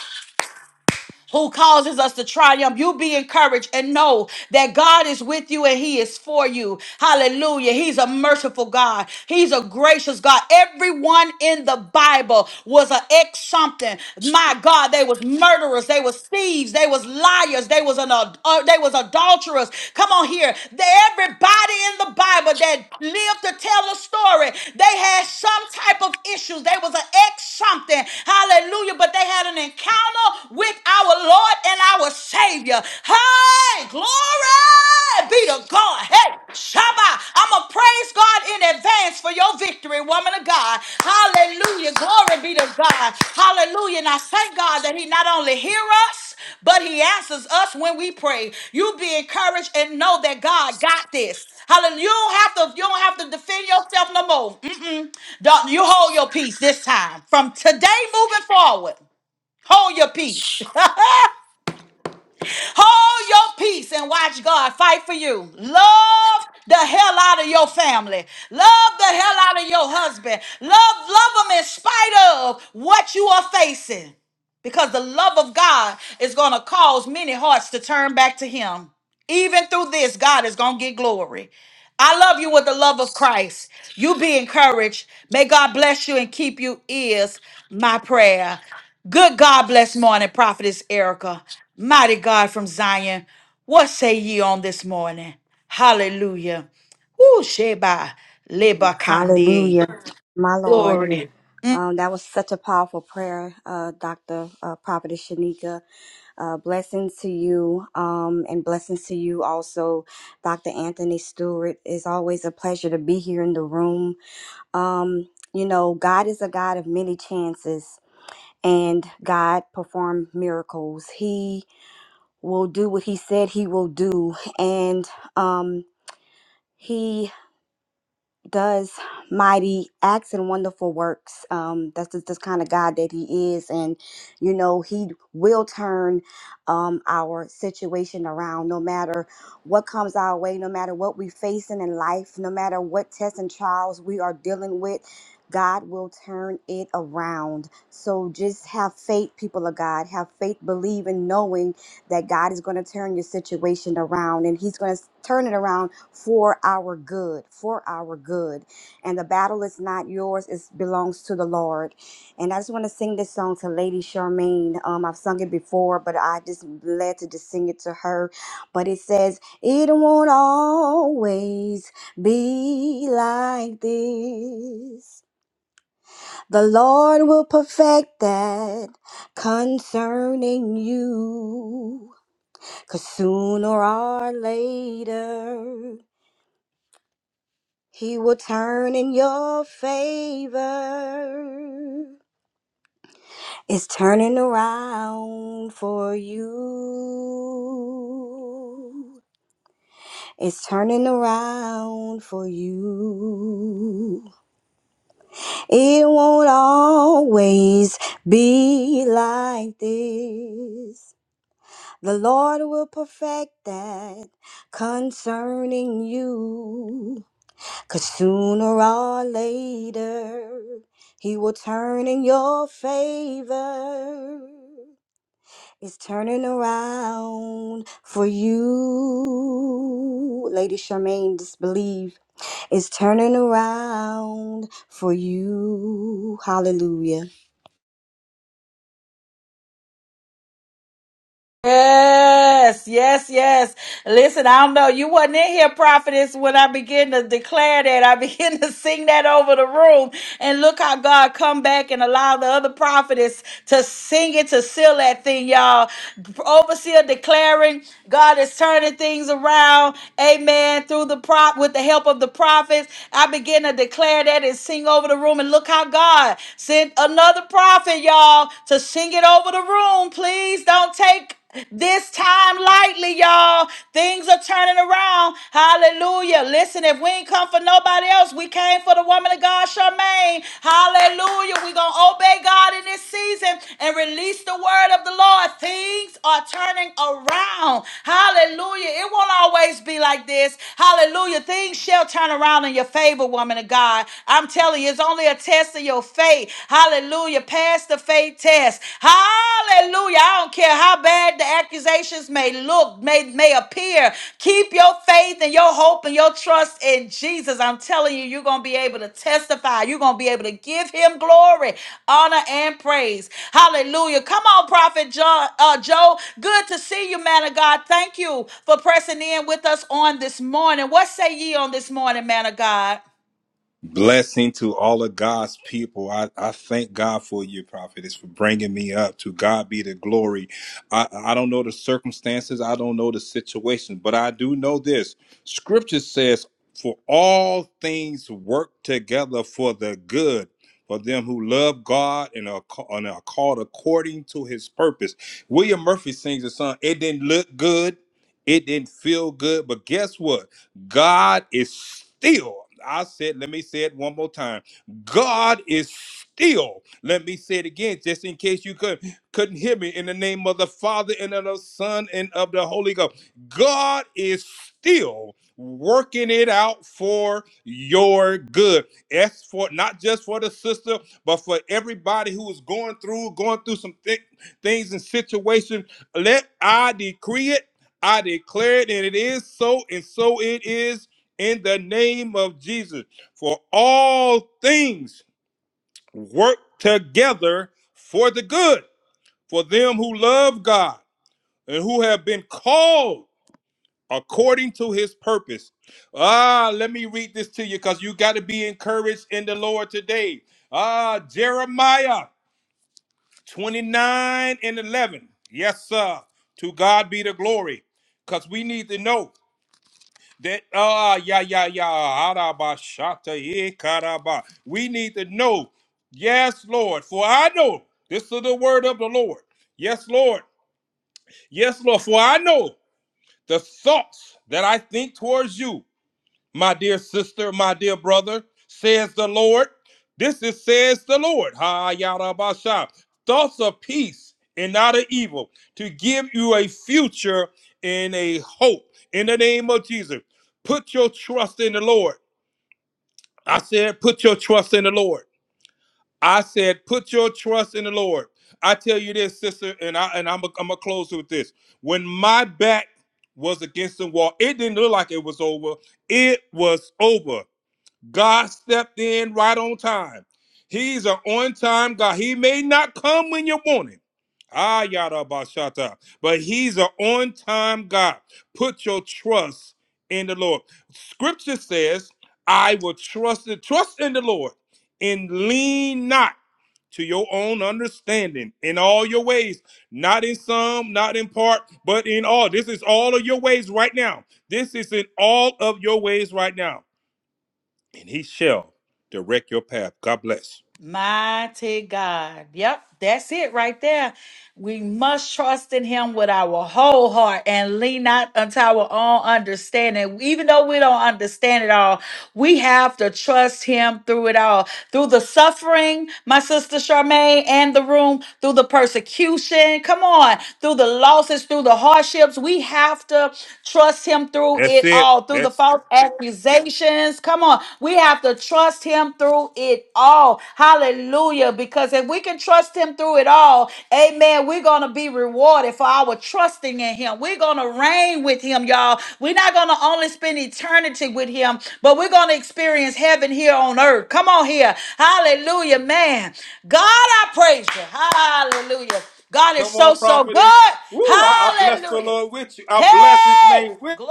S3: who causes us to triumph. You be encouraged and know that God is with you and He is for you. Hallelujah. He's a merciful God, He's a gracious God. Everyone in the Bible was an ex something. My God, they was murderers, they was thieves, they was liars, they was an ad- uh, they was adulterers. Come on here. They, everybody in the Bible that lived to tell a story, they had some type of issues. They was an ex something something. Hallelujah. But they had an encounter with our Lord and our Savior. Hey, glory be to God. Hey, Shabbat. I'm going to praise God in advance for your victory, woman of God. Hallelujah. Glory be to God. Hallelujah. And I thank God that He not only hear us, but He answers us when we pray. You be encouraged and know that God got this. Hallelujah. You don't have to, you don't have to defend yourself no more. Don't you hold your peace this time. From today moving forward, hold your peace. <laughs> Hold your peace and watch God fight for you. Love the hell out of your family. Love the hell out of your husband. Love, love them in spite of what you are facing because the love of God is going to cause many hearts to turn back to Him. Even through this, God is going to get glory. I love you with the love of Christ. You be encouraged. May God bless you and keep you, is my prayer. Good God bless morning, Prophetess Erica. Mighty God from Zion, what say ye on this morning? Hallelujah. Woo, Sheba, Leba Kandie.
S5: Hallelujah, my Lord. Um, that was such a powerful prayer, uh, Dr. Uh, Prophetess Shanika. Uh, blessings to you, um, and blessings to you also, Dr. Anthony Stewart. It's always a pleasure to be here in the room. Um, you know, God is a God of many chances, and God performed miracles. He will do what He said He will do, and um, He does mighty acts and wonderful works. Um, that's just this kind of God that He is, and you know He will turn um, our situation around, no matter what comes our way, no matter what we're facing in life, no matter what tests and trials we are dealing with. God will turn it around. So just have faith, people of God. Have faith, believe in knowing that God is going to turn your situation around and He's going to turn it around for our good for our good and the battle is not yours it belongs to the lord and i just want to sing this song to lady charmaine um i've sung it before but i just led to just sing it to her but it says it won't always be like this the lord will perfect that concerning you cause sooner or later He will turn in your favor. It's turning around for you. It's turning around for you. It won't always be like this. The Lord will perfect that concerning you. Cause sooner or later, he will turn in your favor. It's turning around for you. Lady Charmaine, disbelieve. It's turning around for you. Hallelujah.
S3: Yes, yes, yes. Listen, I don't know. You wasn't in here, prophetess, when I begin to declare that. I begin <laughs> to sing that over the room. And look how God come back and allow the other prophetess to sing it, to seal that thing, y'all. Overseer declaring God is turning things around. Amen. Through the prop with the help of the prophets. I begin to declare that and sing over the room. And look how God sent another prophet, y'all, to to sing it over the room. Please don't take this time lightly, y'all. Things are turning around. Hallelujah. Listen, if we ain't come for nobody else, we came for the woman of God, Charmaine. Hallelujah. We're going to obey God in this season and release the word of the Lord. Things are turning around. Hallelujah. It won't always be like this. Hallelujah. Things shall turn around in your favor, woman of God. I'm telling you, it's only a test of your your faith. Hallelujah. Pass the faith test. Hallelujah. I don't care how bad the accusations may look, may, may appear. Keep your faith and your hope and your trust in Jesus. I'm telling you, you're going to be able to testify. You're going to be able to give him glory, honor, and praise. Hallelujah. Come on, Prophet John, uh, Joe. Good to see you, man of God. Thank you for pressing in with us on this morning. What say ye on this morning, man of God?
S6: Blessing to all of God's people. I, I thank God for you, prophetess, for bringing me up. To God be the glory. I, I don't know the circumstances, I don't know the situation, but I do know this. Scripture says, For all things work together for the good. For them who love God and are, ca- and are called according to his purpose. William Murphy sings a song, It didn't look good, it didn't feel good, but guess what? God is still. I said, let me say it one more time. God is still. Let me say it again, just in case you could, couldn't hear me. In the name of the Father and of the Son and of the Holy Ghost, God is still working it out for your good. As for not just for the sister, but for everybody who is going through, going through some thi- things and situations. Let I decree it I declare it, and it is so, and so it is in the name of Jesus. For all things work together for the good, for them who love God and who have been called according to his purpose. Ah, let me read this to you because you got to be encouraged in the Lord today. Ah, Jeremiah 29 and 11. Yes, sir. To God be the glory because we need to know. That ah yeah yeah yeah araba shata ye karaba. We need to know, yes, Lord, for I know this is the word of the Lord. Yes, Lord, yes, Lord, for I know the thoughts that I think towards you my dear sister, my dear brother, says the Lord. This is says the Lord. Ha yada basha. Thoughts of peace and not of evil to give you a future and a hope in the name of Jesus. Put your trust in the Lord. I said, put your trust in the Lord. I said, put your trust in the Lord. I tell you this, sister, and I and I'm i I'm gonna close with this. When my back was against the wall, it didn't look like it was over. It was over God stepped in right on time. He's an on time God. He may not come when you want him. Ah, yada bashata. But he's an on time God. Put your trust in the Lord. Scripture says, I will trust the trust in the Lord and lean not to your own understanding in all your ways, not in some, not in part, but in all. This is all of your ways right now. This is in all of your ways right now and he shall direct your path. God bless.
S3: Mighty God. Yep, that's it right there. We must trust in Him with our whole heart and lean not unto our own understanding. Even though we don't understand it all, we have to trust Him through it all. Through the suffering, my sister Charmaine, and the room, through the persecution, come on, through the losses, through the hardships, we have to trust Him through
S6: That's
S3: it
S6: it.
S3: all, through the
S6: That's
S3: false accusations accusations. Come on. We have to trust him through it all. Hallelujah. Because if we can trust him through it all, amen, we're going to be rewarded for our trusting in him. We're going to reign with him, y'all. We're not going to only spend eternity with him, but we're going to experience heaven here on earth. Come on here. Hallelujah, man. God, I praise you. Hallelujah. God is
S6: come
S3: so,
S6: on,
S3: so
S6: prophetess.
S3: good.
S6: Woo! I, I bless the
S3: Hallelujah.
S6: Lord with you. I bless His
S3: Hey!
S6: name with.
S3: Glory!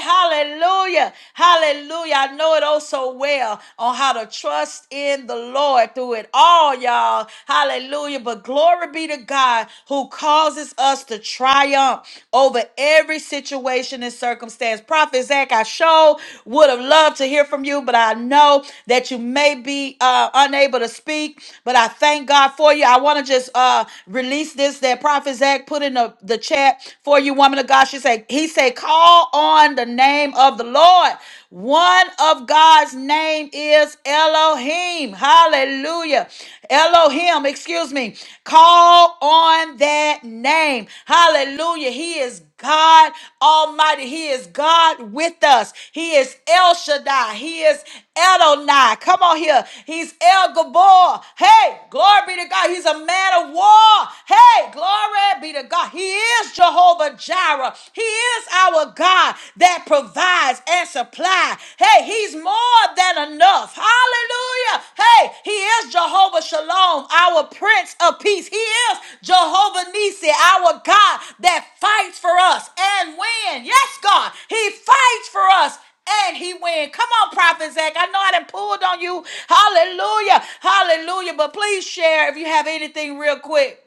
S3: Hallelujah! Hallelujah! I know it oh so well on how to trust in the Lord through it all, y'all. Hallelujah! But glory be to God who causes us to triumph over every situation and circumstance. Prophet Zach, I sure would have loved to hear from you, but I know that you may be uh, unable to speak. But I thank God for you. I want to just uh, release this that Prophet Zach put in the the, the chat for you, woman of God. She said, He said, call on the name of the Lord. One of God's name is Elohim. Hallelujah. Elohim, excuse me. Call on that name. Hallelujah. He is God Almighty. He is God with us. He is El Shaddai. He is Adonai. Come on here. He's El Gabor. Hey, glory be to God. He's a man of war. Hey, glory be to God. He is Jehovah Jireh. He is our God that provides and supplies. Hey, he's more than enough. Hallelujah. Hey, he is Jehovah Shalom, our Prince of Peace. He is Jehovah Nissi, our God that fights for us and win. Yes, God, he fights for us. And he win. Come on, Prophet Zach. I know I done pulled on you. Hallelujah. Hallelujah. But please share if you have anything real quick.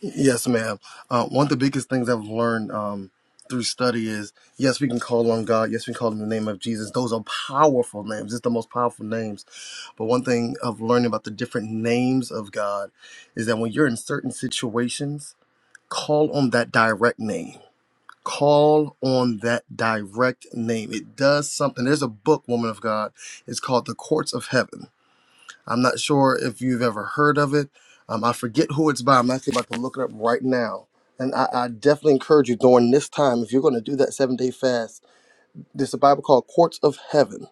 S7: Yes, ma'am. Uh, one of the biggest things I've learned um, through study is yes, we can call on God. Yes, we can call on the name of Jesus. Those are powerful names. It's the most powerful names. But one thing of learning about the different names of God is that when you're in certain situations, call on that direct name. Call on that direct name. It does something. There's a book, Woman of God. It's called The Courts of Heaven I'm not sure if you've ever heard of it. Um, I forget who it's by. I'm actually about to look it up right now. And I, I definitely encourage you during this time, if you're going to do that seven day fast, there's a Bible called Courts of Heaven.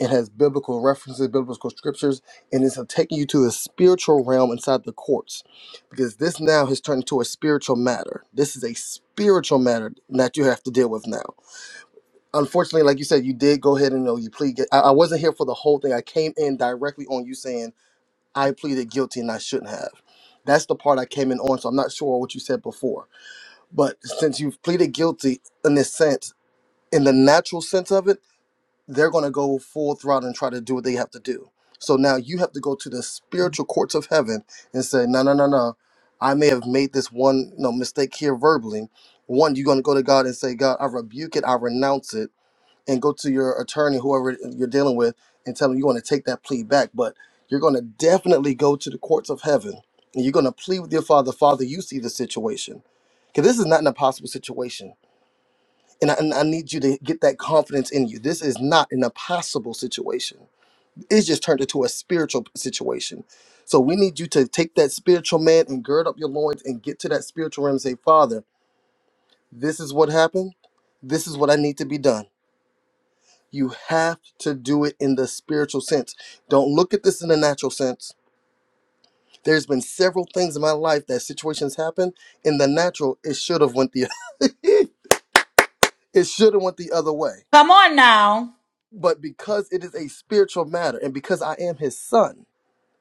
S7: It has biblical references, biblical scriptures, and it's taking you to a spiritual realm inside the courts because this now has turned into a spiritual matter. This is a spiritual matter that you have to deal with now. Unfortunately, like you said, you did go ahead and know you plead. I, I wasn't here for the whole thing. I came in directly on you saying, I pleaded guilty and I shouldn't have. That's the part I came in on. So I'm not sure what you said before. But since you've pleaded guilty in this sense, in the natural sense of it, they're going to go full throttle and try to do what they have to do. So now you have to go to the spiritual courts of heaven and say, no, no, no, no. I may have made this one you know, mistake here verbally. One, you're going to go to God and say, God, I rebuke it. I renounce it and go to your attorney, whoever you're dealing with, and tell them you want to take that plea back. But you're going to definitely go to the courts of heaven and you're going to plead with your father. Father, you see the situation. Because this is not an impossible situation. And I, and I need you to get that confidence in you. This is not an impossible situation. It's just turned into a spiritual situation. So we need you to take that spiritual man and gird up your loins and get to that spiritual realm and say, Father, this is what happened. This is what I need to be done You have to do it in the spiritual sense. Don't look at this in the natural sense. There's been several things in my life that situations happen in the natural. It should have went the <laughs> it should have went the other way.
S3: Come on now.
S7: But because it is a spiritual matter, and because I am his son,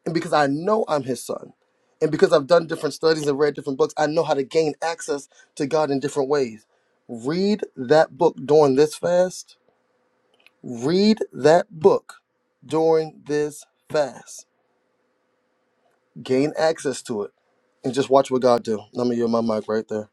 S7: and because I know I'm his son, and because I've done different studies and read different books, I know how to gain access to God in different ways. Read that book during this fast. Read that book during this fast gain access to it, and just watch what God do. Let me yield my mic right there.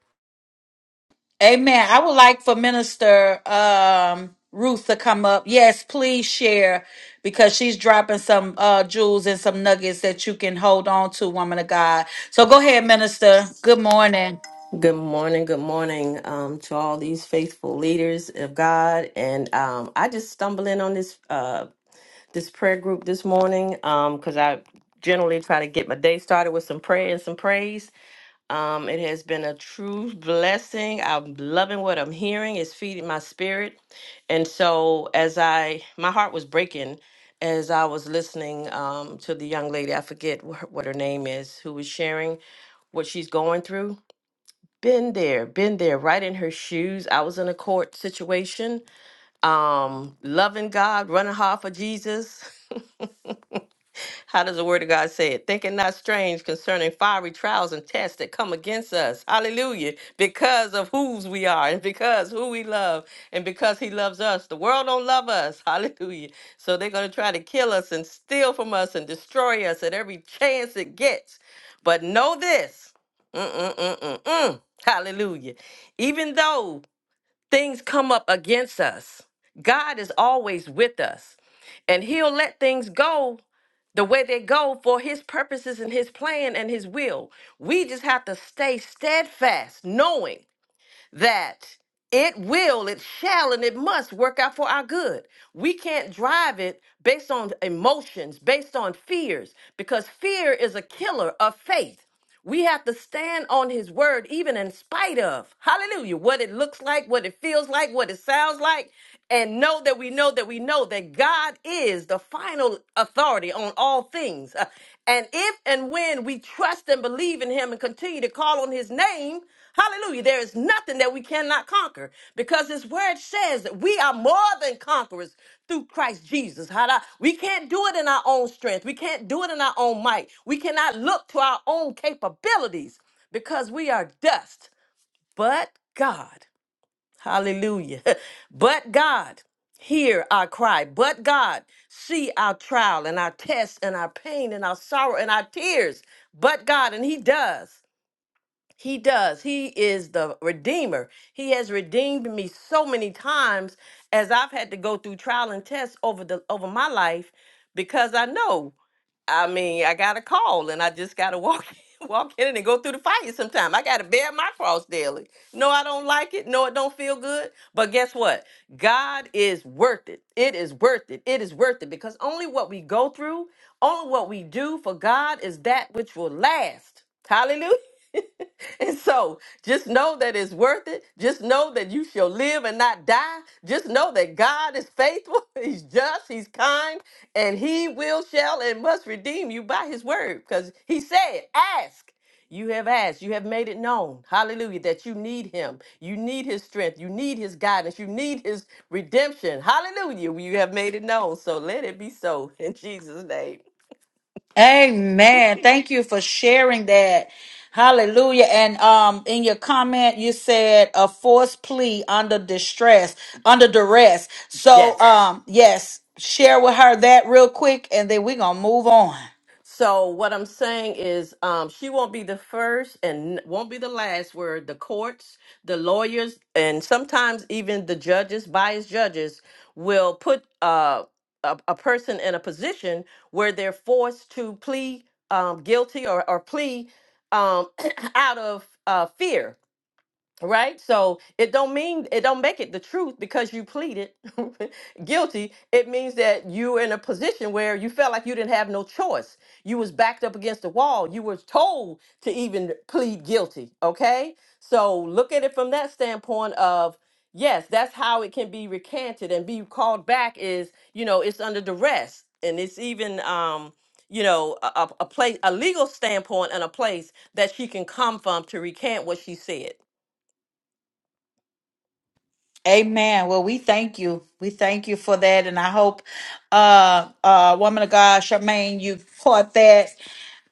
S3: Amen. I would like for Minister um, Ruth to come up. Yes, please share because she's dropping some uh, jewels and some nuggets that you can hold on to, woman of God. So go ahead, Minister. Good morning.
S8: Good morning. Good morning um, to all these faithful leaders of God. And um, I just stumbled in on this uh, this prayer group this morning because I generally try to get my day started with some prayer and some praise. Um, it has been a true blessing. I'm loving what I'm hearing. It's feeding my spirit. And so as I, my heart was breaking as I was listening um, to the young lady, I forget wh- what her name is, who was sharing what she's going through been there, been there, right in her shoes. I was in a court situation, um, loving God, running hard for Jesus. <laughs> How does the word of God say it? Thinking not strange concerning fiery trials and tests that come against us. Hallelujah. Because of whose we are and because who we love and because he loves us. The world don't love us. <laughs> Hallelujah. So they're going to try to kill us and steal from us and destroy us at every chance it gets. But know this. Mm-mm-mm-mm-mm. Hallelujah. Even though things come up against us, God is always with us. And He'll let things go the way they go for His purposes and His plan and His will. We just have to stay steadfast, knowing that it will, it shall, and it must work out for our good. We can't drive it based on emotions, based on fears, because fear is a killer of faith. We have to stand on his word, even in spite of, hallelujah, what it looks like, what it feels like, what it sounds like, and know that we know that we know that God is the final authority on all things. Uh, And if and when we trust and believe in him and continue to call on his name, Hallelujah. There is nothing that we cannot conquer because his word says that we are more than conquerors through Christ Jesus. Hallelujah. We can't do it in our own strength. We can't do it in our own might. We cannot look to our own capabilities because we are dust. But God, hallelujah. <laughs> But God, hear our cry. But God, see our trial and our tests and our pain and our sorrow and our tears. But God, and He does. He does. He is the redeemer. He has redeemed me so many times as I've had to go through trial and tests over the over my life because I know. I mean, I got a call and I just got to walk <laughs> walk in and go through the fire sometime. I got to bear my cross daily. No, I don't like it. No, it don't feel good. But guess what? God is worth it. It is worth it. It is worth it because only what we go through, only what we do for God is that which will last. Hallelujah. <laughs> And so just know that it's worth it. Just know that you shall live and not die. Just know that God is faithful, <laughs> He's just, He's kind, and He will, shall, and must redeem you by His word. Because He said, Ask. You have asked, you have made it known, hallelujah, that you need him. You need his strength. You need his guidance. You need his redemption. Hallelujah. You have made it known. So let it be so <laughs> in Jesus' name.
S3: Amen. Thank you for sharing that. Hallelujah. And um in your comment you said a forced plea under distress, under duress. So
S8: Yes.
S3: um yes, share with her that real quick and then we're gonna move on.
S8: So what I'm saying is, um, she won't be the first and won't be the last. Where the courts, the lawyers, and sometimes even the judges, biased judges, will put uh, a, a person in a position where they're forced to plead um, guilty or, or plea um, <clears throat> out of uh, fear right so it don't mean it don't make it the truth because you pleaded <laughs> guilty it means that you were in a position where you felt like you didn't have no choice you was backed up against the wall you were told to even plead guilty okay so look at it from that standpoint of yes that's how it can be recanted and be called back is you know it's under duress and it's even um you know a, a a place a legal standpoint and a place that she can come from to recant what she said
S3: Amen. Well, we thank you. We thank you for that. And I hope, uh, uh, woman of God, Charmaine, you caught that,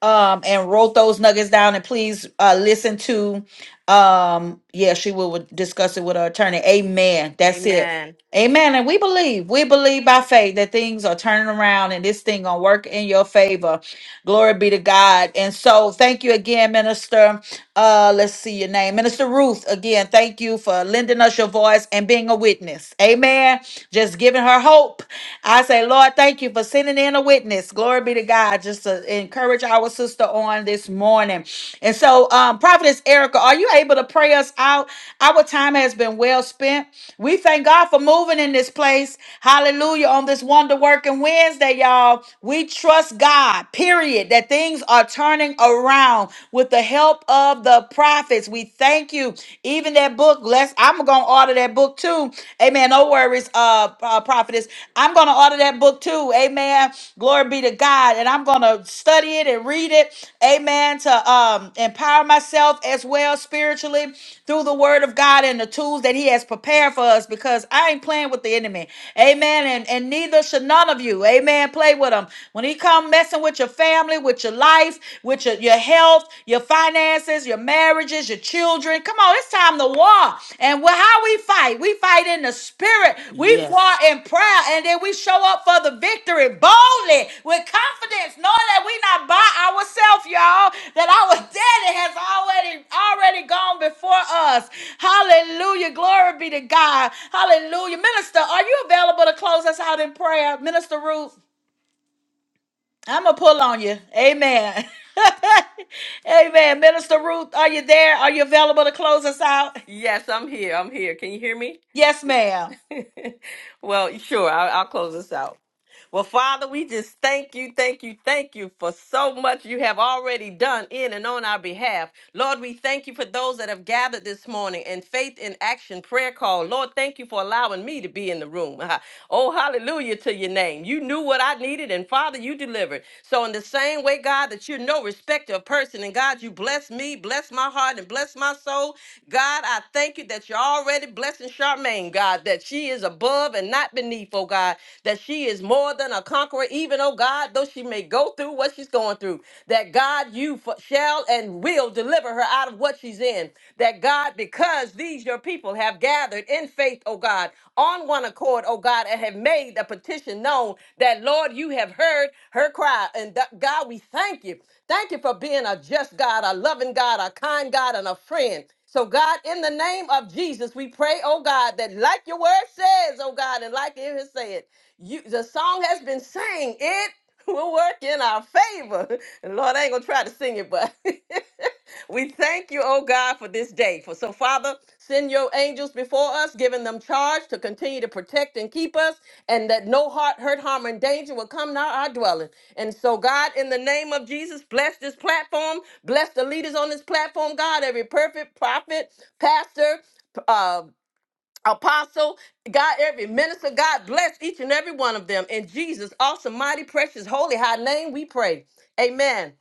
S3: um, and wrote those nuggets down and please, uh, listen to, um, yeah, she will discuss it with her attorney. Amen. That's it.
S8: Amen.
S3: Amen. And we believe, we believe by faith that things are turning around and this thing gonna work in your favor. Glory be to God. And so thank you again, Minister. Uh, let's see your name. Minister Ruth, again, thank you for lending us your voice and being a witness. Amen. Just giving her hope. I say, Lord, thank you for sending in a witness. Glory be to God. Just to encourage our sister on this morning. And so, um, Prophetess Erica, are you able to pray us out? Our time has been well spent. We thank God for moving in this place. Hallelujah. On this wonder working Wednesday, y'all. We trust God, period, that things are turning around with the help of the prophets. We thank you. Even that book, let's I'm gonna order that book too. Amen. No worries, uh, uh prophetess. I'm going to order that book too. Amen. Glory be to God. And I'm going to study it and read it. Amen. To um, empower myself as well spiritually through the word of God and the tools that he has prepared for us because I ain't playing with the enemy. Amen. And, and neither should none of you. Amen. Play with him. When he come messing with your family, with your life, with your, your health, your finances, your marriages marriages, your children. Come on, it's time to war. And wh- how we fight, we fight in the spirit, we war
S8: Yes.
S3: in prayer, and then we show up for the victory boldly with confidence, knowing that we not by ourselves, y'all, that our <laughs> daddy has already already gone before us. Hallelujah. Glory be to God. Hallelujah. Minister, are you available to close us out in prayer? Minister Ruth. I'm gonna pull on you. Amen. <laughs> Amen. Minister Ruth, are you there? Are you available to close us out?
S8: Yes, I'm here. I'm here. Can you hear me?
S3: Yes, ma'am.
S8: <laughs> well, sure. I'll, I'll close this out. Well, Father, we just thank you, thank you, thank you for so much you have already done in and on our behalf. Lord, we thank you for those that have gathered this morning in faith in action prayer call. Lord, thank you for allowing me to be in the room. <laughs> Oh, hallelujah to your name. You knew what I needed, and Father, you delivered. So, in the same way, God, that you're no respecter of person, and God, you bless me, bless my heart, and bless my soul. God, I thank you that you're already blessing Charmaine, God, that she is above and not beneath, oh God, that she she is more than a conqueror, even, oh God, though she may go through what she's going through, that God, you f- shall and will deliver her out of what she's in. That God, because these your people have gathered in faith, oh God, on one accord, oh God, and have made a petition known that, Lord, you have heard her cry. And that, God, we thank you. Thank you for being a just God, a loving God, a kind God, and a friend. So, God, in the name of Jesus, we pray, oh God, that like your word says, oh God, and like it has said, you the song has been sang. It <laughs> will work in our favor. <laughs> And Lord, I ain't gonna try to sing it, but <laughs> we thank you, oh God, for this day. For so, Father, send your angels before us, giving them charge to continue to protect and keep us, and that no heart, hurt, harm, and danger will come nigh our dwelling. And so, God, in the name of Jesus, bless this platform, bless the leaders on this platform, God, every perfect prophet, pastor, uh, Apostle, God, every minister, God bless each and every one of them. In Jesus' awesome, mighty, precious, holy, high name, we pray. Amen.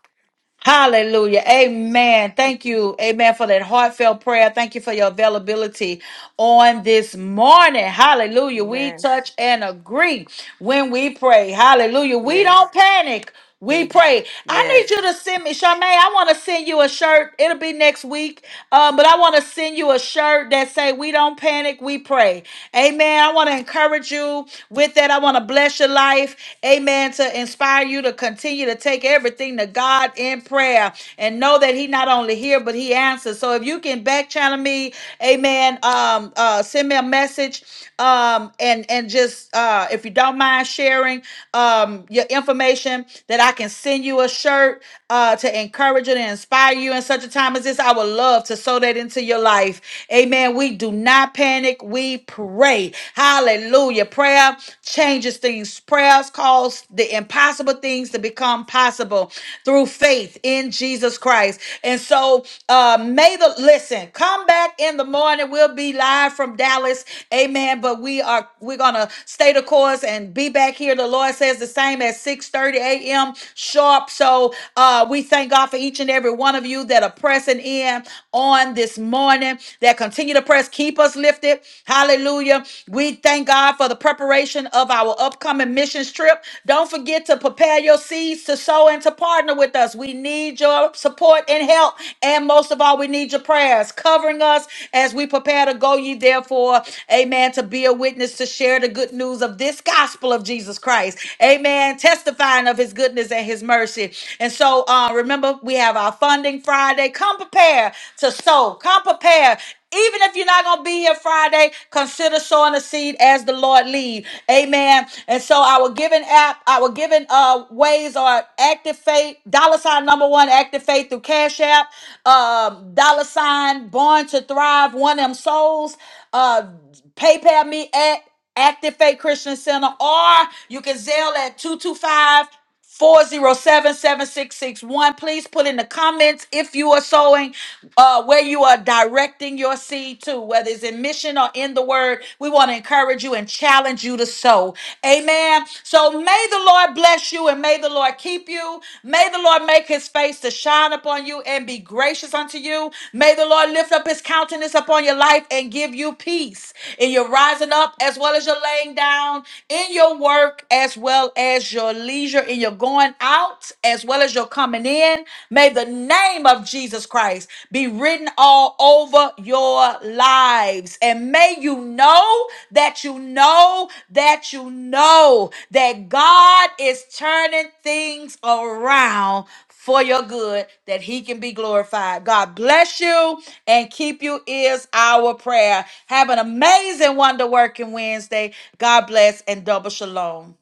S3: Hallelujah. Amen. Thank you. Amen for that heartfelt prayer. Thank you for your availability on this morning. Hallelujah. We
S8: Amen.
S3: touch and agree when we pray. Hallelujah. We don't
S8: Yes.
S3: panic. We
S8: He,
S3: pray. I need you
S8: yes.
S3: to send me, Charmaine. I want to send you a shirt. It'll be next week, um, but I want to send you a shirt that say, "We don't panic, we pray." Amen. I want to encourage you with that. I want to bless your life. Amen. To inspire inspire you to continue to take everything to God in prayer and know that He not only hears, but He answers. So if you can back channel me, amen, um, uh, send me a message um, and, and just, uh, if you don't mind sharing um, your information, that I can send you a shirt uh, to encourage you and inspire you in such a time as this. I would love to sow that into your life. Amen. We do not panic, we pray. Hallelujah. Prayer changes things. Prayers calls the impossible things to become possible through faith in Jesus Christ. And so, uh, may the listen come back in the morning. We'll be live from Dallas, Amen. But we are we're gonna stay the course and be back here. The Lord says the same at 6 30 a.m. sharp. So, uh, we thank God for each and every one of you that are pressing in on this morning that continue to press. Keep us lifted. Hallelujah. We thank God for the preparation of our upcoming missions trip. Don't forget to prepare your seeds to sow and to partner with us. We need your support and help. And most of all, we need your prayers covering us as we prepare to go ye therefore, amen, to be a witness, to share the good news of this gospel of Jesus Christ. Amen. Testifying of his goodness and his mercy. And so uh, remember, we have our funding Friday. Come prepare to sow. Come prepare even if you're not going to be here Friday, consider sowing a seed as the Lord lead. Amen. And so our giving app, our giving uh ways are active faith, dollar sign number one, active faith through Cash App, um, dollar sign born to thrive, one M souls, uh, PayPal me at Active Faith Christian Center, or you can Zelle at 225 Four zero seven seven six six one. Please put in the comments if you are sowing, uh, where you are directing your seed to, whether it's in mission or in the word. We want to encourage you and challenge you to sow. Amen. So may the Lord bless you and may the Lord keep you. May the Lord make his face to shine upon you and be gracious unto you. May the Lord lift up his countenance upon your life and give you peace in your rising up as well as your laying down, in your work as well as as your leisure in your going out as well as your coming in. May the name of Jesus Christ be written all over your lives. And may you know that you know that you know that God is turning things around for your good that he can be glorified. God bless you and keep you is our prayer. Have an amazing wonder working Wednesday. God bless and double shalom.